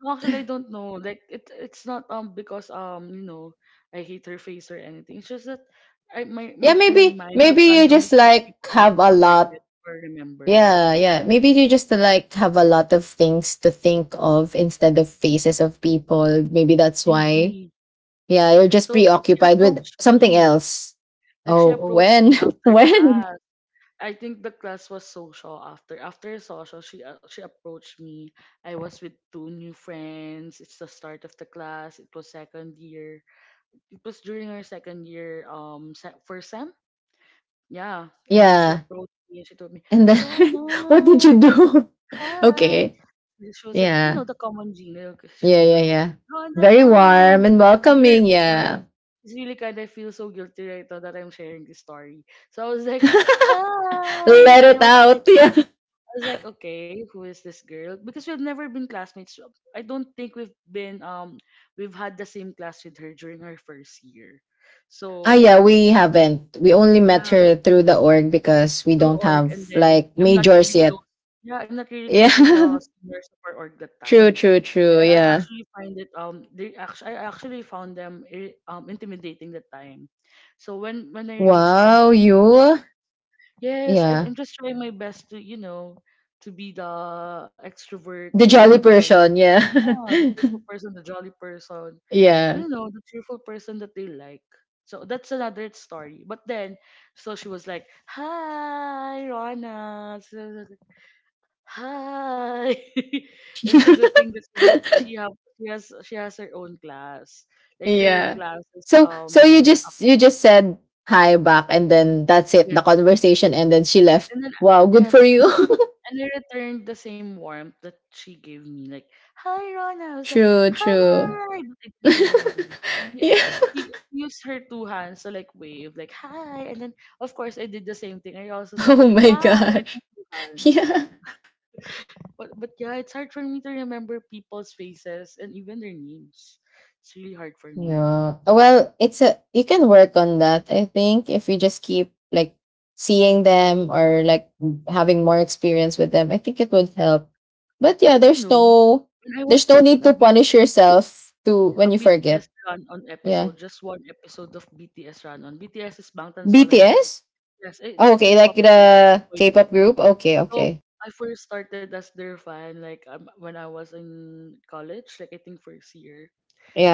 No, actually, I don't know. Like it, it's not because you know I hate her face or anything. It's just that I my Yeah, my my maybe mind would maybe you randomly just choose like people I have would a forget lot. or remember. Yeah, yeah. Maybe you just like have a lot of things to think of instead of faces of people. Maybe that's why. Maybe. Yeah, you're just So she preoccupied with approached something me. else. Like she Oh, approached when? me after When? class. I think the class was social after after social. She approached me. I was with two new friends. It's the start of the class. It was second year. It was during our second year first sem. Yeah, and then she Yeah. approached me and she told me, And then what did Rona, you do? hi. Okay. She was like, you Yeah. know, the common Gina. She Yeah, was yeah, like, yeah. Rona, Very hi. warm and With her, welcoming, yeah, yeah. it's really kind of feel so guilty right now that I'm sharing this story. So I was like, hi, Let and it out. Yeah. I was like, okay, who is this girl? Because we've never been classmates. So I don't think we've been we've had the same class with her during our first year. Ah, So yeah, we haven't. We only met yeah, her through the org because we through don't org have and then like I'm not majors really yet. close. Yeah, I'm not really close with the Yeah. seniors of our org that True, time. true, true. I Yeah. actually find it they actually I actually found them intimidating that time. So when I reach Wow, you. yes, I, I'm Yeah. I'm just trying my best to you know to be the extrovert The girl jolly that I person. Yeah. yeah, the cheerful person, the jolly person, Yeah. you know, the cheerful person that they like. So that's another story. But then, so she was like, "Hi, Rana." So I was like, hi. And it's a good thing that she just she has her own class. Like her Yeah. class is So so you just after you just said hi back and then that's it, the yes, conversation and then she left. and then Wow, good for yes, you. and I returned the same warmth that she gave me. Like, hi, Rona. I was like, True, hi. true. But I didn't say her name. And then Yeah. She used her two hands to like wave, like, hi. And then, of course, I did the same thing. I also said, Oh my hi, with my gosh. two hands. Yeah. But yeah, it's hard for me to remember people's faces and even their names. It's really hard for me. Yeah. Well, it's a you can work on that. I think if you just keep like seeing them or like having more experience with them, I think it would help. But But, yeah, you know, when I was there's no watching need a to BTS punish yourself to when a you forget. BTS run on Yeah. episode, just one episode of BTS run on. BTS is Bangtan Solandan. BTS? Yes, eh, it's Oh, a okay, like K-pop group. the Like, K-pop group. Okay, so okay. I first started as their fan like when I was in college, like I think first year.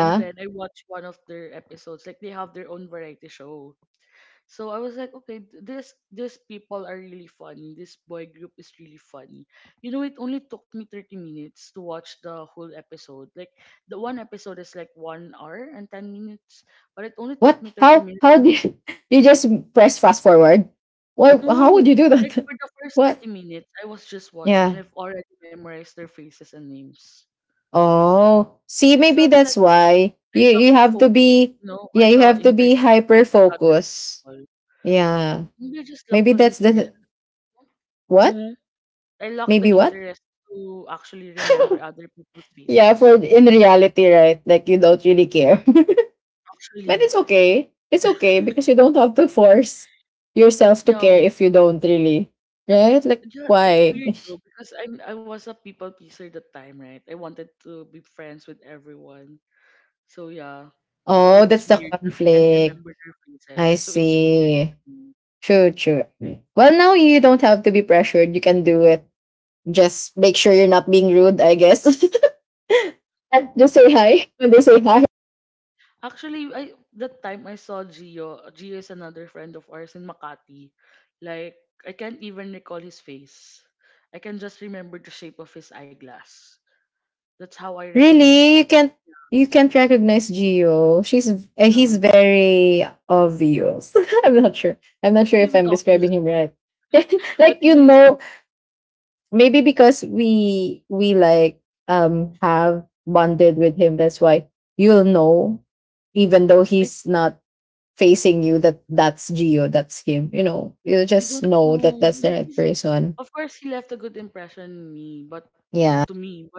And then I watched one of their episodes. Like they have their own variety show. So I was like, okay, th- this these people are really funny. This boy group is really funny. You know, it only took me 30 minutes to watch the whole episode. Like the one episode is like 1 hour and 10 minutes, but it only took What me 30 minutes. how To... do you, you just press fast forward? Why how would No, you do like that? for the first What? 30 minutes, I was just watching Yeah. and I've already memorized their faces and names. Oh, see, It maybe felt like that's why I you locked you the have focus, to be you know, yeah or you the have to be internet hyper with other focused. people. Yeah, Maybe I just locked maybe the that's internet. the what? Mm-hmm. I lack the Maybe what? interest to actually remember other people's Yeah, faces. for in reality, right? Like you don't really care, but Actually, it's okay. It's okay because you don't have to force yourself to care um, if you don't really, but right? Like yeah, it's why? weird though because I was a people pleaser at the time, right? I wanted to be friends with everyone. So yeah, so Oh, that's it's the weird that I can't conflict. remember their faces. I So it's weird see. for me. True, true. Well, now you don't have to be pressured. You can do it just make sure you're not being rude, I guess. And just say hi when they say hi. Actually, I that time I saw Gio. Gio is another friend of ours in Makati. Like I can't even recall his face. I can just remember the shape of his eyeglass. That's how I recognize Really, you. You can't recognize Gio. She's Yeah. he's very obvious. I'm not sure. I'm not What sure do you if mean I'm obvious? describing him right. What Like do you you mean it's know, obvious? maybe because we like have bonded with him, that's why you'll know, even though I, he's not facing you, that that's Gio, that's him. You know, you'll I just don't know that know. that's the Like right he's, person. of course he left a good impression on me, but Yeah. to me, but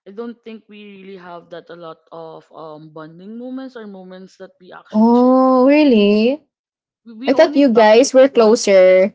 I don't think we really have that a lot of bonding moments or moments that we actually shared Oh, together. really? We I thought only you talk like guys were once twice. closer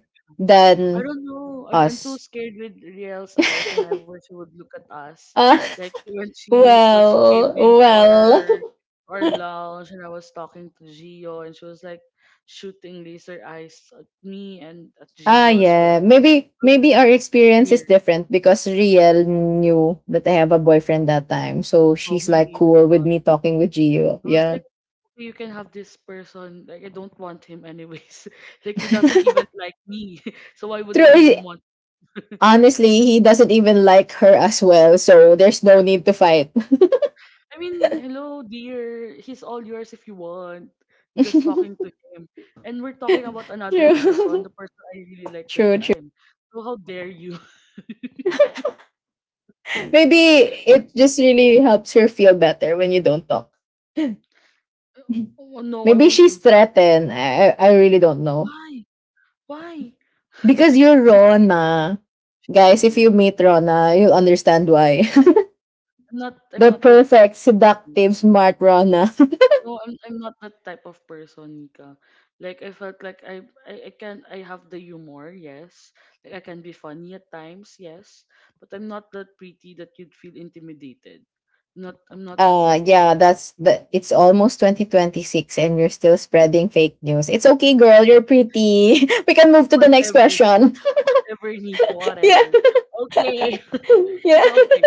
I than don't know. I'm too us. scared with Riel's eyes whenever she would look at us. Ah, Like when she came well, into well. our lounge and I was talking to Gio and she was like shooting laser eyes at me and at Ah, Gio as yeah. well. Maybe, I was like, maybe our experience is dear, different because Riel knew that I have a boyfriend that time, so how she's like maybe that's cool with all. me talking with Gio. I was Yeah. like, okay, you can have this person. Like I don't want him anyways. Like he doesn't even True. like me. So why would I even he- want Honestly, he doesn't even like her as well, so there's no need to fight. I mean, hello, dear. He's all yours if you want. I'm just talking True. to him. And we're talking about another person, True. the person I really liked that True. time. So how dare you? Maybe it just really helps her feel better when you don't talk. Oh no, I Maybe won't do she's that. threatened. I really don't know. Why? Why? Because you're She's so weird. Rona. She's so Guys, if you weird. meet Rona, you'll understand why. I'm not I'm The not that picky. perfect, seductive, smart Rona. No, I'm not that type of person, Nika. Like I felt like I can I have the humor, yes. Like I can be funny at times, yes. But I'm not that pretty that you'd feel intimidated. Not I'm not that Uh type of yeah, that's the it's almost 2026 and you're still spreading fake news. It's okay, girl, you're pretty. We can move to the next whatever question. whatever Nika, Yeah. whatever. Okay. Yeah. So okay.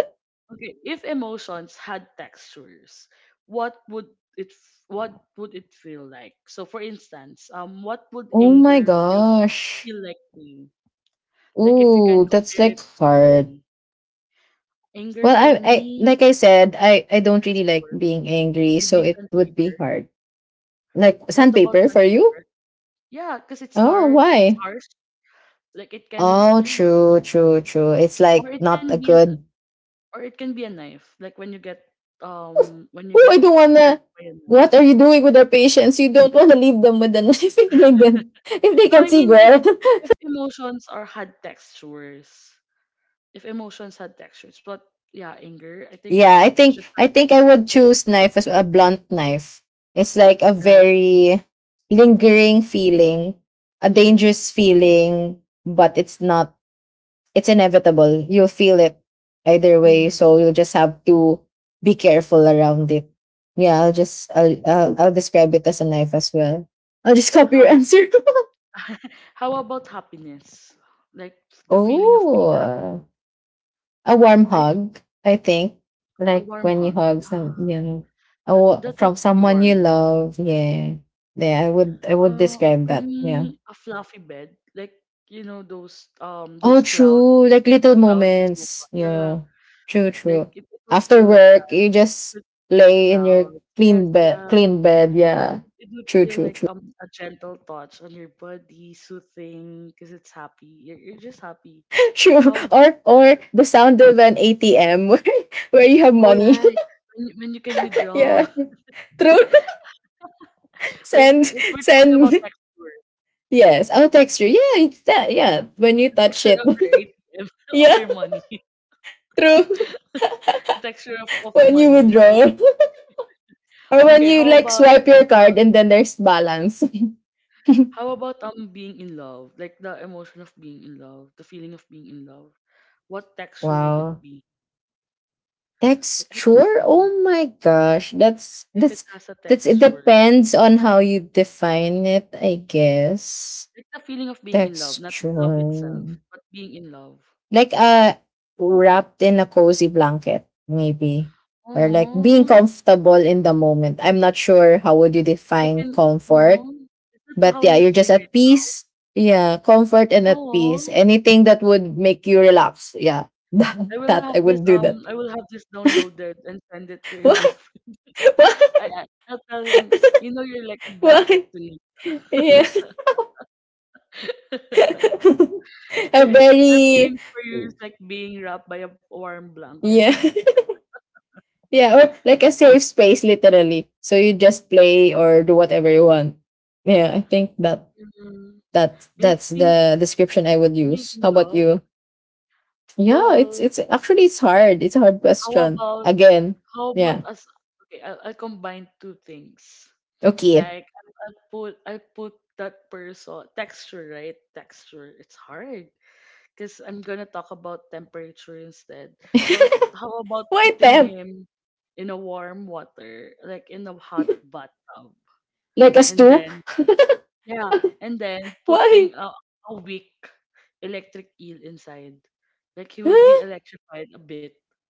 Okay. If emotions had textures, what would it f- what would it feel like? So for instance, what would Oh my anger gosh. feel like to you? Like if you can Ooh, that's compare it like to hard. something. Anger Well, for I me, like I said, I don't really like texture, being angry, maybe so it would sandpaper. be hard. Like What about sandpaper for you? sandpaper? Yeah, because it's Oh, hard, it's why? harsh. Like it can, Oh, yeah, true, true, true. It's or like it not can a be, a, good. or it can be a knife. Like Oh, when you oh, get I don't hurt wanna. by a What knife. are you doing with our patients? You don't wanna leave them with a knife if they No, can I see mean if well. if emotions are had textures, if emotions had textures, what? Yeah, anger. I think Yeah, it's I it's think just I think I sandpaper, would choose knife as a blunt knife. It's like a right? very lingering feeling, a Mm-hmm. dangerous feeling, but it's not it's inevitable. You'll feel it either way. Mm-hmm. So you'll just have to be careful around it. Yeah, I'll just I'll describe it as a knife as well. I'll just copy your How? answer. How about happiness? Like the feeling of being Oh, a warm happy. I, hug. I think a like warm when you hug. hug Yeah, some, you know, a that that from would feel someone you warm. love. Yeah, yeah. I would describe For that. Yeah. me, a fluffy bed, like you know Oh, those cloud true. Like little cloud sofa. moments. Yeah, Yeah. True, like true. it would feel After like that. work, you just It would feel like lay in your clouds. Yes, clean bed, yeah. clean bed. It, Yeah. it, it would True, feel true, like true. A gentle touch on your body, soothing, because it's happy. You're just happy. True. How Or the sound of an ATM where you have all money. right when you can withdraw. Yeah. True. Wait, Send wait, we're talking about send texture. yes, I'll text you. Yeah, it's that. Yeah, when you The touch texture it. of your ATM, of Yeah, your money. true. The texture of When you money. Okay, withdraw or when okay, you like swipe your uh, card and then there's balance. how about being in love? Like the emotion of being in love, the feeling of being in love. What texture would it Wow. be? Like I don't Texture? know Oh my gosh. That's if it that's has a that's it texture. depends on how you define it, I guess. Like the feeling of being in love, not love Texture. itself, but being in love. Like wrapped in a cozy blanket, maybe. Or like being Oh, comfortable in the moment. I'm not sure how would you if I define can. comfort, Oh, is that but how yeah, you're you're just feeling? at peace. Yeah, comfort and at peace. Right? Anything that would make you relax. Yeah. I will That have I this would do that. I will have this downloaded and send it to your Why? boyfriend. Why? I'll tell him, you know you're like a blanket Why? to me. Yeah. A Your very feelings for you is like being wrapped by a warm blanket. yeah. Yeah, or like a safe space literally, so you just play or do whatever you want. Yeah, I think that Mm, that I that's think the description I would being use. How in about love. you? Yeah, it's Well, it's actually it's hard, it's a hard how question about again. how about Yeah. us? Okay, I'll combine two things. Okay. Like I'll put I'll put that person texture right. Texture. It's hard. Because I'm gonna talk about temperature instead. But how about Why putting them? him in a warm water, like in a hot bathtub, Like a and stoop? then yeah, and then Why? putting a weak electric eel inside, like he would be Huh? electrified a bit,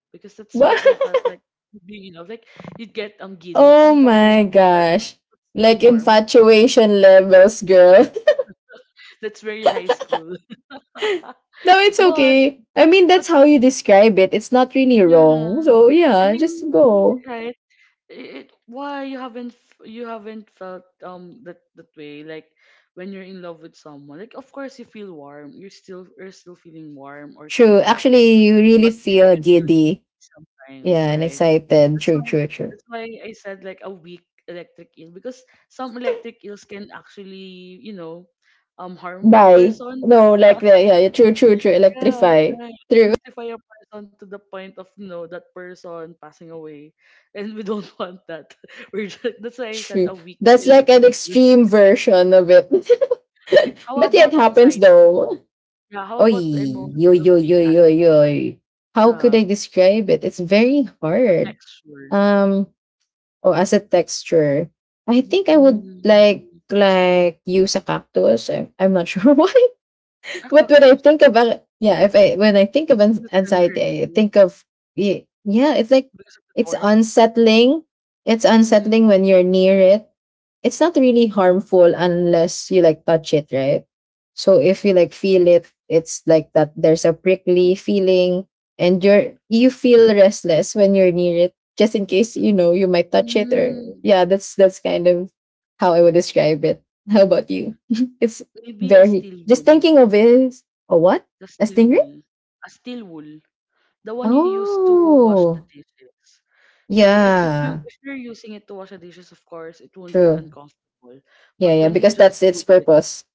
because that's what What? I felt like being in love. Like you'd get giddy Oh my sometimes, or gosh, but still like warm. infatuation levels, girl. That's very high school. No, it's but okay. I mean, but that's how you describe it. It's not really yeah, wrong. So, I yeah, mean, just go. right? It why you haven't felt that that way like when you're in love with someone, like of course you feel warm, you're still feeling warm or True. cozy with him, Actually, you really but feel you feel giddy giddy. sometimes, Yeah, and right? excited. That's True, why true, true. that's why I said like a weak electric eel, because some electric eels can actually, you know, harm a Bye. person. No, like, the, yeah, yeah, true, true, true. Yeah, Electrify. right. True, Rectify a person to the point of no, that person passing away, and we don't want that. We're just, that's why I said true. a weak That's like electric. an Eel. extreme version of it. Like, how But yeah, it about happens anxiety? though. Yeah, how Oy, about the yo, emotion of yo, yo, being yo, angry? yo. How could Yeah, I describe it? It's very the hard. texture. Um, Oh, as a texture, I think I would Mm. like use a cactus. I'm not sure why, A but when I cactus think about yeah, if I when I think of because it's gonna hurt anxiety, I you think of yeah, it's like because of the it's thorns. unsettling. It's Mm-hmm. unsettling when you're near it, it's not really harmful unless you like touch it, right? So if you like feel it, it's like that there's a prickly feeling, and you feel restless when you're near it, just in case you know you might touch it or Mm, yeah, that's kind of how I would describe it. How about you? It's maybe a very steel just wool. thinking of it is a what? The A steel stingray? wool. A steel wool. The one you use to wash the Oh dishes. So, if you yeah. if you're using it to wash the dishes, of course, it won't feel True. uncomfortable. Yeah, But yeah, when you because just that's its hold it, purpose.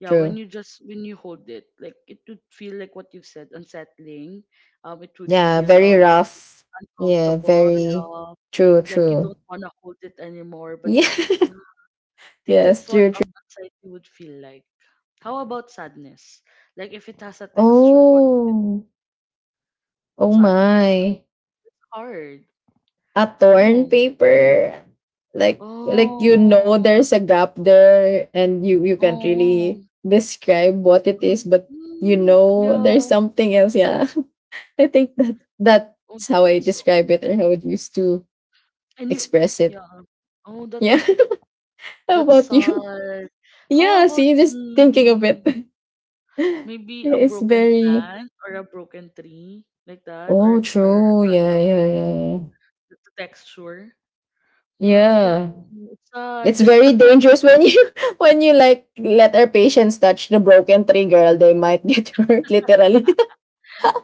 yeah, when True. you just when you hold it, like it would feel like what you've said, unsettling. It would Yeah, feel very rough. Yeah, uncomfortable, very rough, true, like you true. don't want to hold it anymore. But Yeah. I think Yes, that's what true, true. Anxiety would feel like. How about sadness? Like if it has a texture, what Oh, oh sadness? my. Hard. A torn Oh. paper. Like you know Oh, there's a gap there and you can't oh. really describe what it is, but you know there's Yeah. something else. Yeah. I think Oh, that's how I that's describe it or how it used to and you, express it. yeah. Oh, Yeah. How that's about you? sad. How Yeah, about see, just thinking of mm, it. maybe a It's broken very plant or a broken tree like that, oh or or a true. Yeah, cotton, yeah, yeah, yeah. The texture. Yeah, I don't. Yeah. Know. It's It's sad. very dangerous when you when you like let our patients touch the broken tree, girl. They might get hurt literally.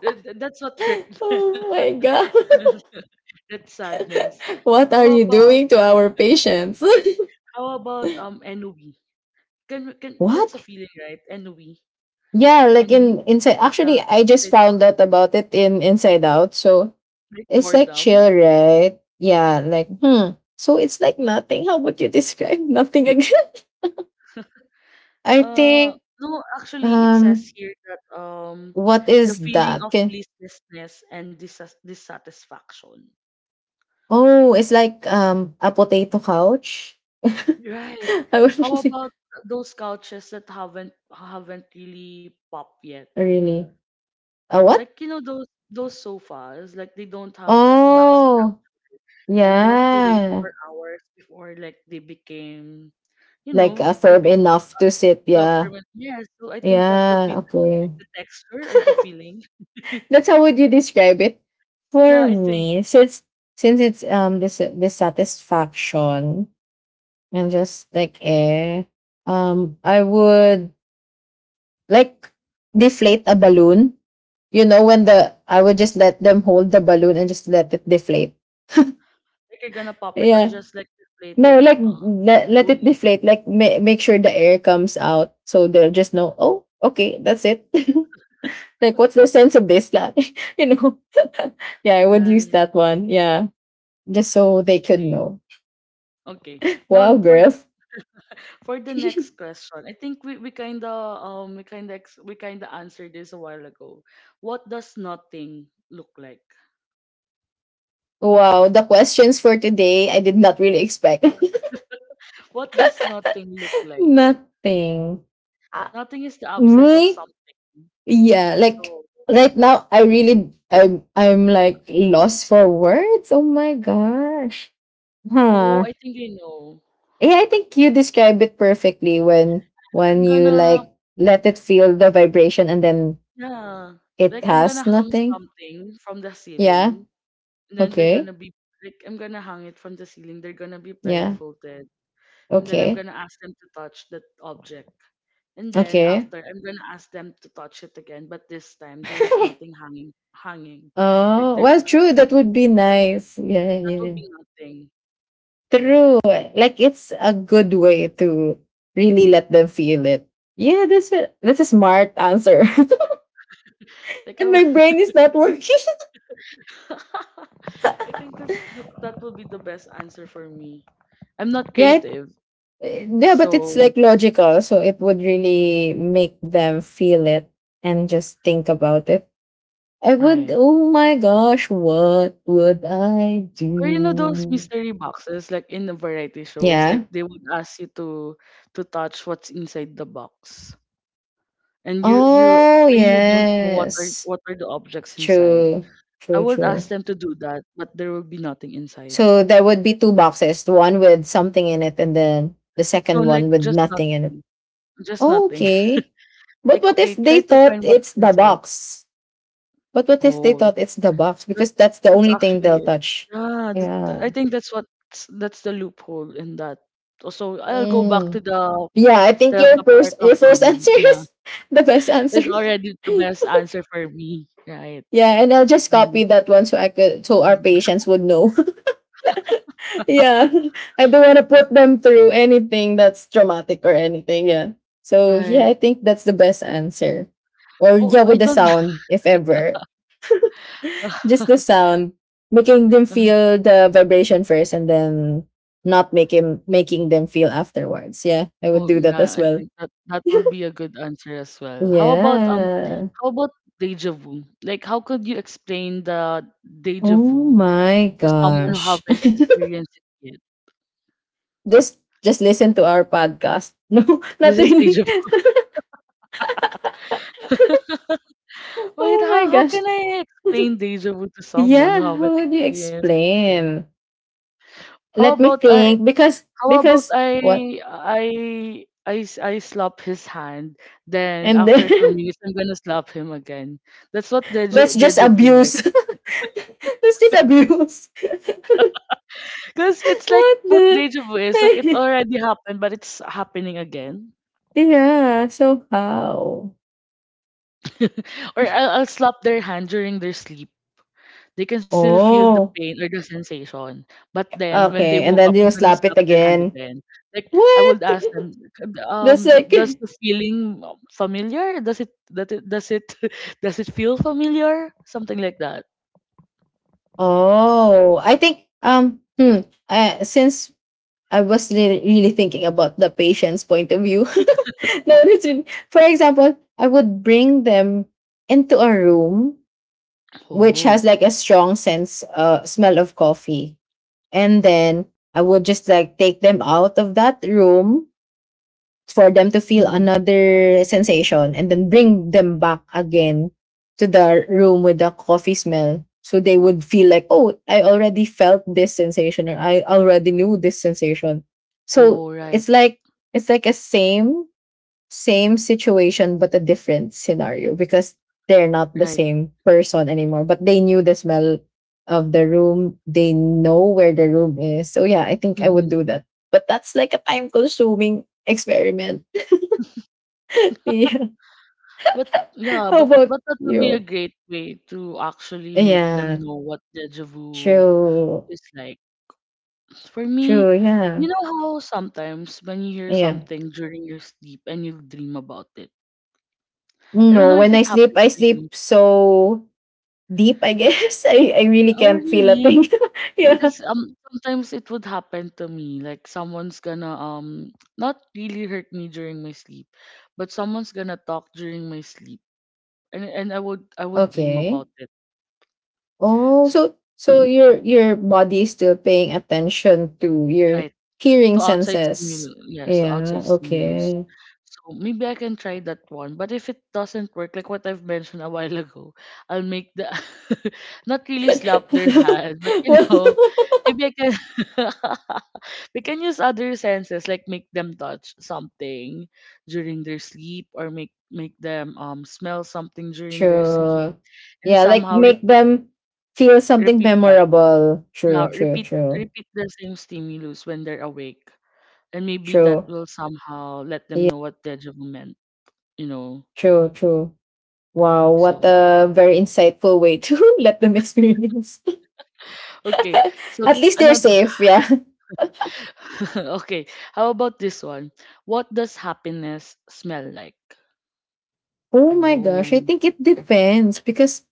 That's what hurt. Oh my god. That's sadness. What are How you about doing to our patients? how about Nub? Can that's a What? feeling, right? And we Yeah, like and we in inside yeah, actually I just inside found out. out about it in Inside Out. So Like it's like boredom. chill, right? Yeah, like hmm. So it's like nothing. How would you describe nothing again? I Uh think no, actually it Um, says here that what the is feeling that? of Can, listlessness and disas dissatisfaction. oh, it's like a potato couch. Right. I How wouldn't- about those couches that haven't really popped yet? really. A what? Like you know those sofas, like they don't have a backstrap, Oh, and you have to wait yeah. for hours before like they became, you Like know, a they firm be enough to sit. Well, Yeah. ferment. Yeah, so I think that would be Yeah. Okay. the texture or the feeling. That's how would you describe it? Yeah, For I think me, since it's this dissatisfaction and just like eh, I would like deflate a balloon, you know when the I would just let them hold the balloon and just let it deflate. like you're gonna pop it or Yeah, just like deflate no, it, like uh, let it slowly. deflate, like make sure the air comes out so they'll just know, oh okay, that's it. Like what's the sense of this, like you know. Yeah, I would use Right. that one, yeah, just so they could Okay. know. Okay. Now Wow, for girls. for the next question, I think we kinda we kinda answered this a while ago. What does nothing look like? Wow, the questions for today, I did not really expect. What does nothing look like? Nothing. Uh, Nothing is the absence of me. something. Yeah, like So, right now I really I'm like lost for words. Oh my gosh. oh, Huh. I think I know. Yeah, I think you described it perfectly when I'm you gonna like let it feel the vibration and then Yeah. it Like I'm gonna has hang nothing. something from the Yeah. ceiling and then they're gonna Okay. be like I'm gonna hang it from the ceiling. They're gonna be Yeah. blindfolded. And then I'm Okay. gonna ask them to touch that object. And then Okay. after I'm gonna ask them to touch it again, but this time there is nothing hanging. Like Oh, there's well nothing true, that hanging. would be nice. Yeah, That yeah, would yeah. be nothing, right? True. Like it's a good way to really let them feel it. Yeah, that's a smart answer. Like I And would my brain is not working. I think that's, that that will be the best answer for me. I'm not Yeah, it, creative, yeah, but it's so like logical, so it would really make them feel it and just think about it. I would right. oh my gosh, what would I Or you know those do? mystery boxes like in the variety shows, Yeah. like they would ask you to touch what's inside the box, and you Oh and you don't know yes. what are the objects inside. True. I True, would ask true. them to do that, but there will be nothing inside. So there would be two boxes, the one with something in it and then the No, second like one with just nothing in it. nothing, just Oh, nothing. okay. But Like what okay, if they try to thought find what's it's the inside. box? But what if they Oh, thought it's the box? that Because that's the that's only thing actually they'll it. touch. Yeah, that, Yeah. I think that's what that's the loophole in that. So I'll go back to Mm. Yeah, I think your the part first of hanging. answer Yeah. is the best answer. Is already the best answer for me, right? Yeah, and I'll just Mhm, copy that one so I could so our mhm, patients would know. Yeah. I don't want to put them through anything that's traumatic or anything. Yeah. So yeah, right. I think that's the best answer. Or Oh, yeah, I with the don't. sound, if ever. Just the sound. Making them feel the vibration first and then not make him making them feel afterwards. Yeah. I would Oh, do that yeah, as I well. think that that would be a good answer as well. Yeah. How about deja vu? Like, how could you explain the deja Oh vu my to someone who gosh. haven't experienced it yet? Just listen to our podcast. No, not This is really. deja vu. Wait, Oh my how gosh. can I explain deja vu to someone who Yeah, haven't how would you experienced it yet? explain? How Let me about I think because How about what? I I slap his hand, then And after two then minutes I'm gonna slap him again. That's what deja, that's just deja vu like. abuse. That's just abuse. Cause it's like What what the? deja vu is like it already happened but it's happening again. Yeah, so how? Or I'll slap their hand during their sleep. They can still feel the Oh. pain or the sensation. But then when they Okay, and woke up, then I'm you gonna slap slap it their hand again. again. Like I would What? ask them, That's like does the feeling familiar? Does it that it does it does it feel familiar? Something like that. oh, I think since I was really thinking about the patient's point of view. No, that's really, for example, I would bring them into a room which Oh. has like a strong sense smell of coffee. And then I would just like take them out of that room for them to feel Hmm. another sensation and then bring them back again to the room with the coffee smell. So they would feel like, oh, I already felt this sensation or I already knew this sensation. So Oh right. it's like a same situation but a different scenario because they're not the Right. same person anymore, but they knew the smell of the room, they know where the room is. So yeah, I think I would Hmm. do that, but that's like a time consuming experiment. Yeah. But yeah, How about but that would be a you? great way to actually make them Yeah, know what deja vu true, is like. For me, true, yeah, you know how sometimes when you hear yeah. something during your sleep and you dream about it? I don't know No, if when I it sleep, happened I to you. sleep so deep, I guess. I really Oh, can't feel a really? thing. Yeah, Because sometimes it would happen to me. Like someone's gonna not really hurt me during my sleep, but someone's gonna talk during my sleep, and I would dream about okay. it. Oh, S- so your body is still paying attention to your Right. hearing To outside senses. stimulus, yes, to outside Yeah, stimulus. okay. So maybe I can try that one. But if it doesn't work, like what I've mentioned a while ago, I'll make the not really slap their hand, but you Well, know, maybe I can we can use other senses, like make them touch something during their sleep, or make them smell something during their sleep, true. and Yeah, like somehow make repeat them feel something repeat that. memorable. Yeah, True, true, repeat true. repeat the same stimulus when they're awake and maybe that True. will somehow let them Yeah, know what deja vu meant, you know, true, true. Wow, what so a very insightful way to let them experience. okay so At least they're another safe, yeah. okay, how about this one, what does happiness smell like? Oh my gosh, I Oh, think it depends because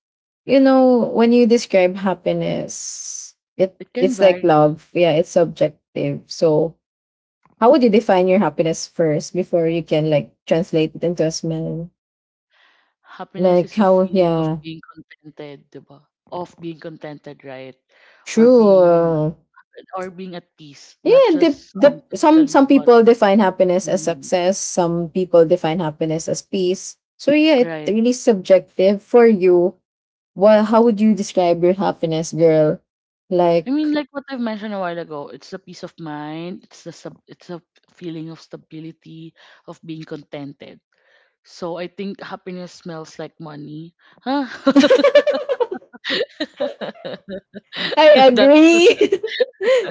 you know when you describe happiness, it can it's like vary. love. Yeah, it's subjective. So how would you define your happiness first before you can like translate it into a smell? Happiness Like is a how? feeling of Yeah, being contented di ba? Of being contented, right? Or true. being Uh, or being at peace, not yeah, the just some physically but people define happiness as human, success. Some people define happiness as peace. So yeah, it right? really subjective for you. Well, how would you describe your happiness, girl? I Like mean, like what I've mentioned a while ago, it's the peace of mind, it's the sub, it's a feeling of stability, of being contented. So I think happiness smells like money. Huh? I That agree.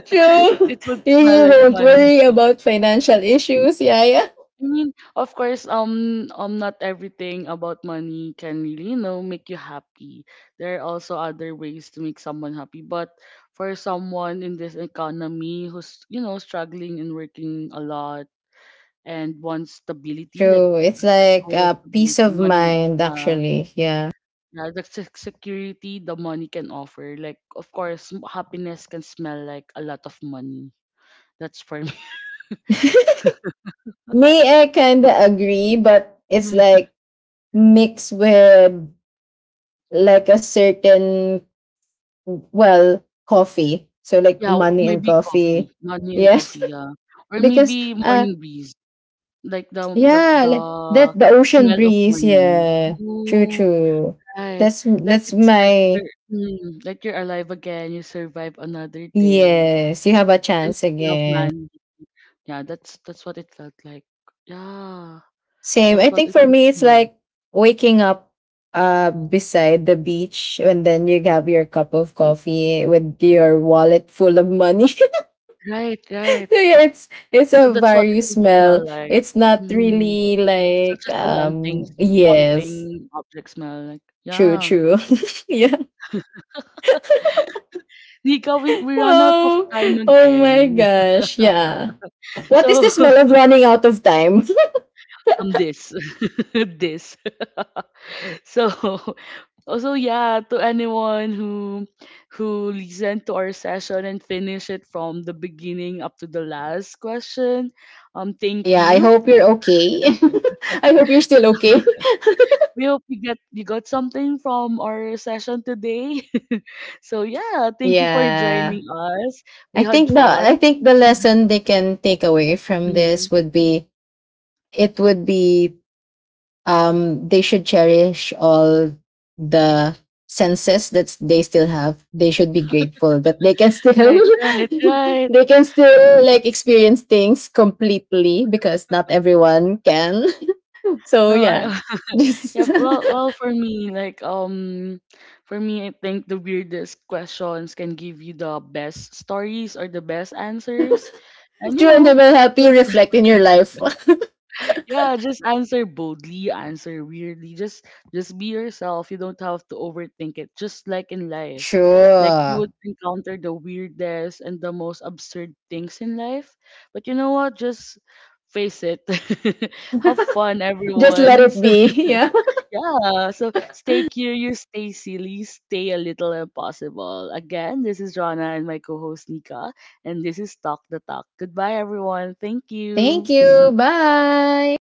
True. it would smell You like won't money. worry about financial issues. Yeah, yeah. I mean, of course, not everything about money can really, you know, make you happy. There are also other ways to make someone happy. But for someone in this economy who's, you know, struggling and working a lot and wants stability, like True. It's like goal is peace stability, of money, mind, yeah, actually. Yeah. yeah, the security the money can offer. Like, of course, happiness can smell like a lot of money. That's for me. Me, I kind of agree, but it's like mixed with like a certain, well, coffee. So, like Yeah, w money and maybe coffee. coffee, morning Yes. coffee, yeah, or Because, maybe morning breeze, like yeah, the like that, the ocean smell of breeze. morning. Yeah. True, Oh, true. right. Like That's it's like my you're mm, like you're alive again, you survive another day, yes, you have a and you chance still have again. man. Yeah, that's what it felt like. Yeah, Same. that's I what think it for would me, it's smell. like waking up beside the beach and then you have your cup of coffee with your wallet full of money. Right, So right. yeah, it's So a that's what it very would smell smell. like. It's not Mm. really It's not like just a one yes, thing object smell. Like, true, yeah. true. Yeah. Nika, we run out of Wow. time Oh my again. gosh. Yeah. What is So the smell of running out of time? I'm this this. So also yeah, to anyone who listened to our session and finish it from the beginning up to the last question, thank Yeah, I you. hope you're okay. I hope you're still okay. We hope you got something from our session today. So yeah, thank you for Yeah. joining us. We I had think the fun. Lesson they can take away from Mhm. this would be it would be they should cherish all the senses that they still have. They should be grateful that they can still Right, right, right. they can still like experience things completely because not everyone can. So No, I yeah. Just Yeah, well, well, for me, like, for me, I think the weirdest questions can give you the best stories or the best answers, and you true and know, happy just reflect in your life. yeah, just answer boldly, answer weirdly, just be yourself. You don't have to overthink it. Just like in life, like you Sure. would encounter the weirdest and the most absurd things in life, but you know what? Just face it. Have fun, Just let everyone. it be. Yeah. Yeah, so stay curious, stay silly, stay a little impossible. Again, this is Rana and my co host Nika, and this is Talk the Talk. Goodbye, everyone. Thank Thank you. you. Bye.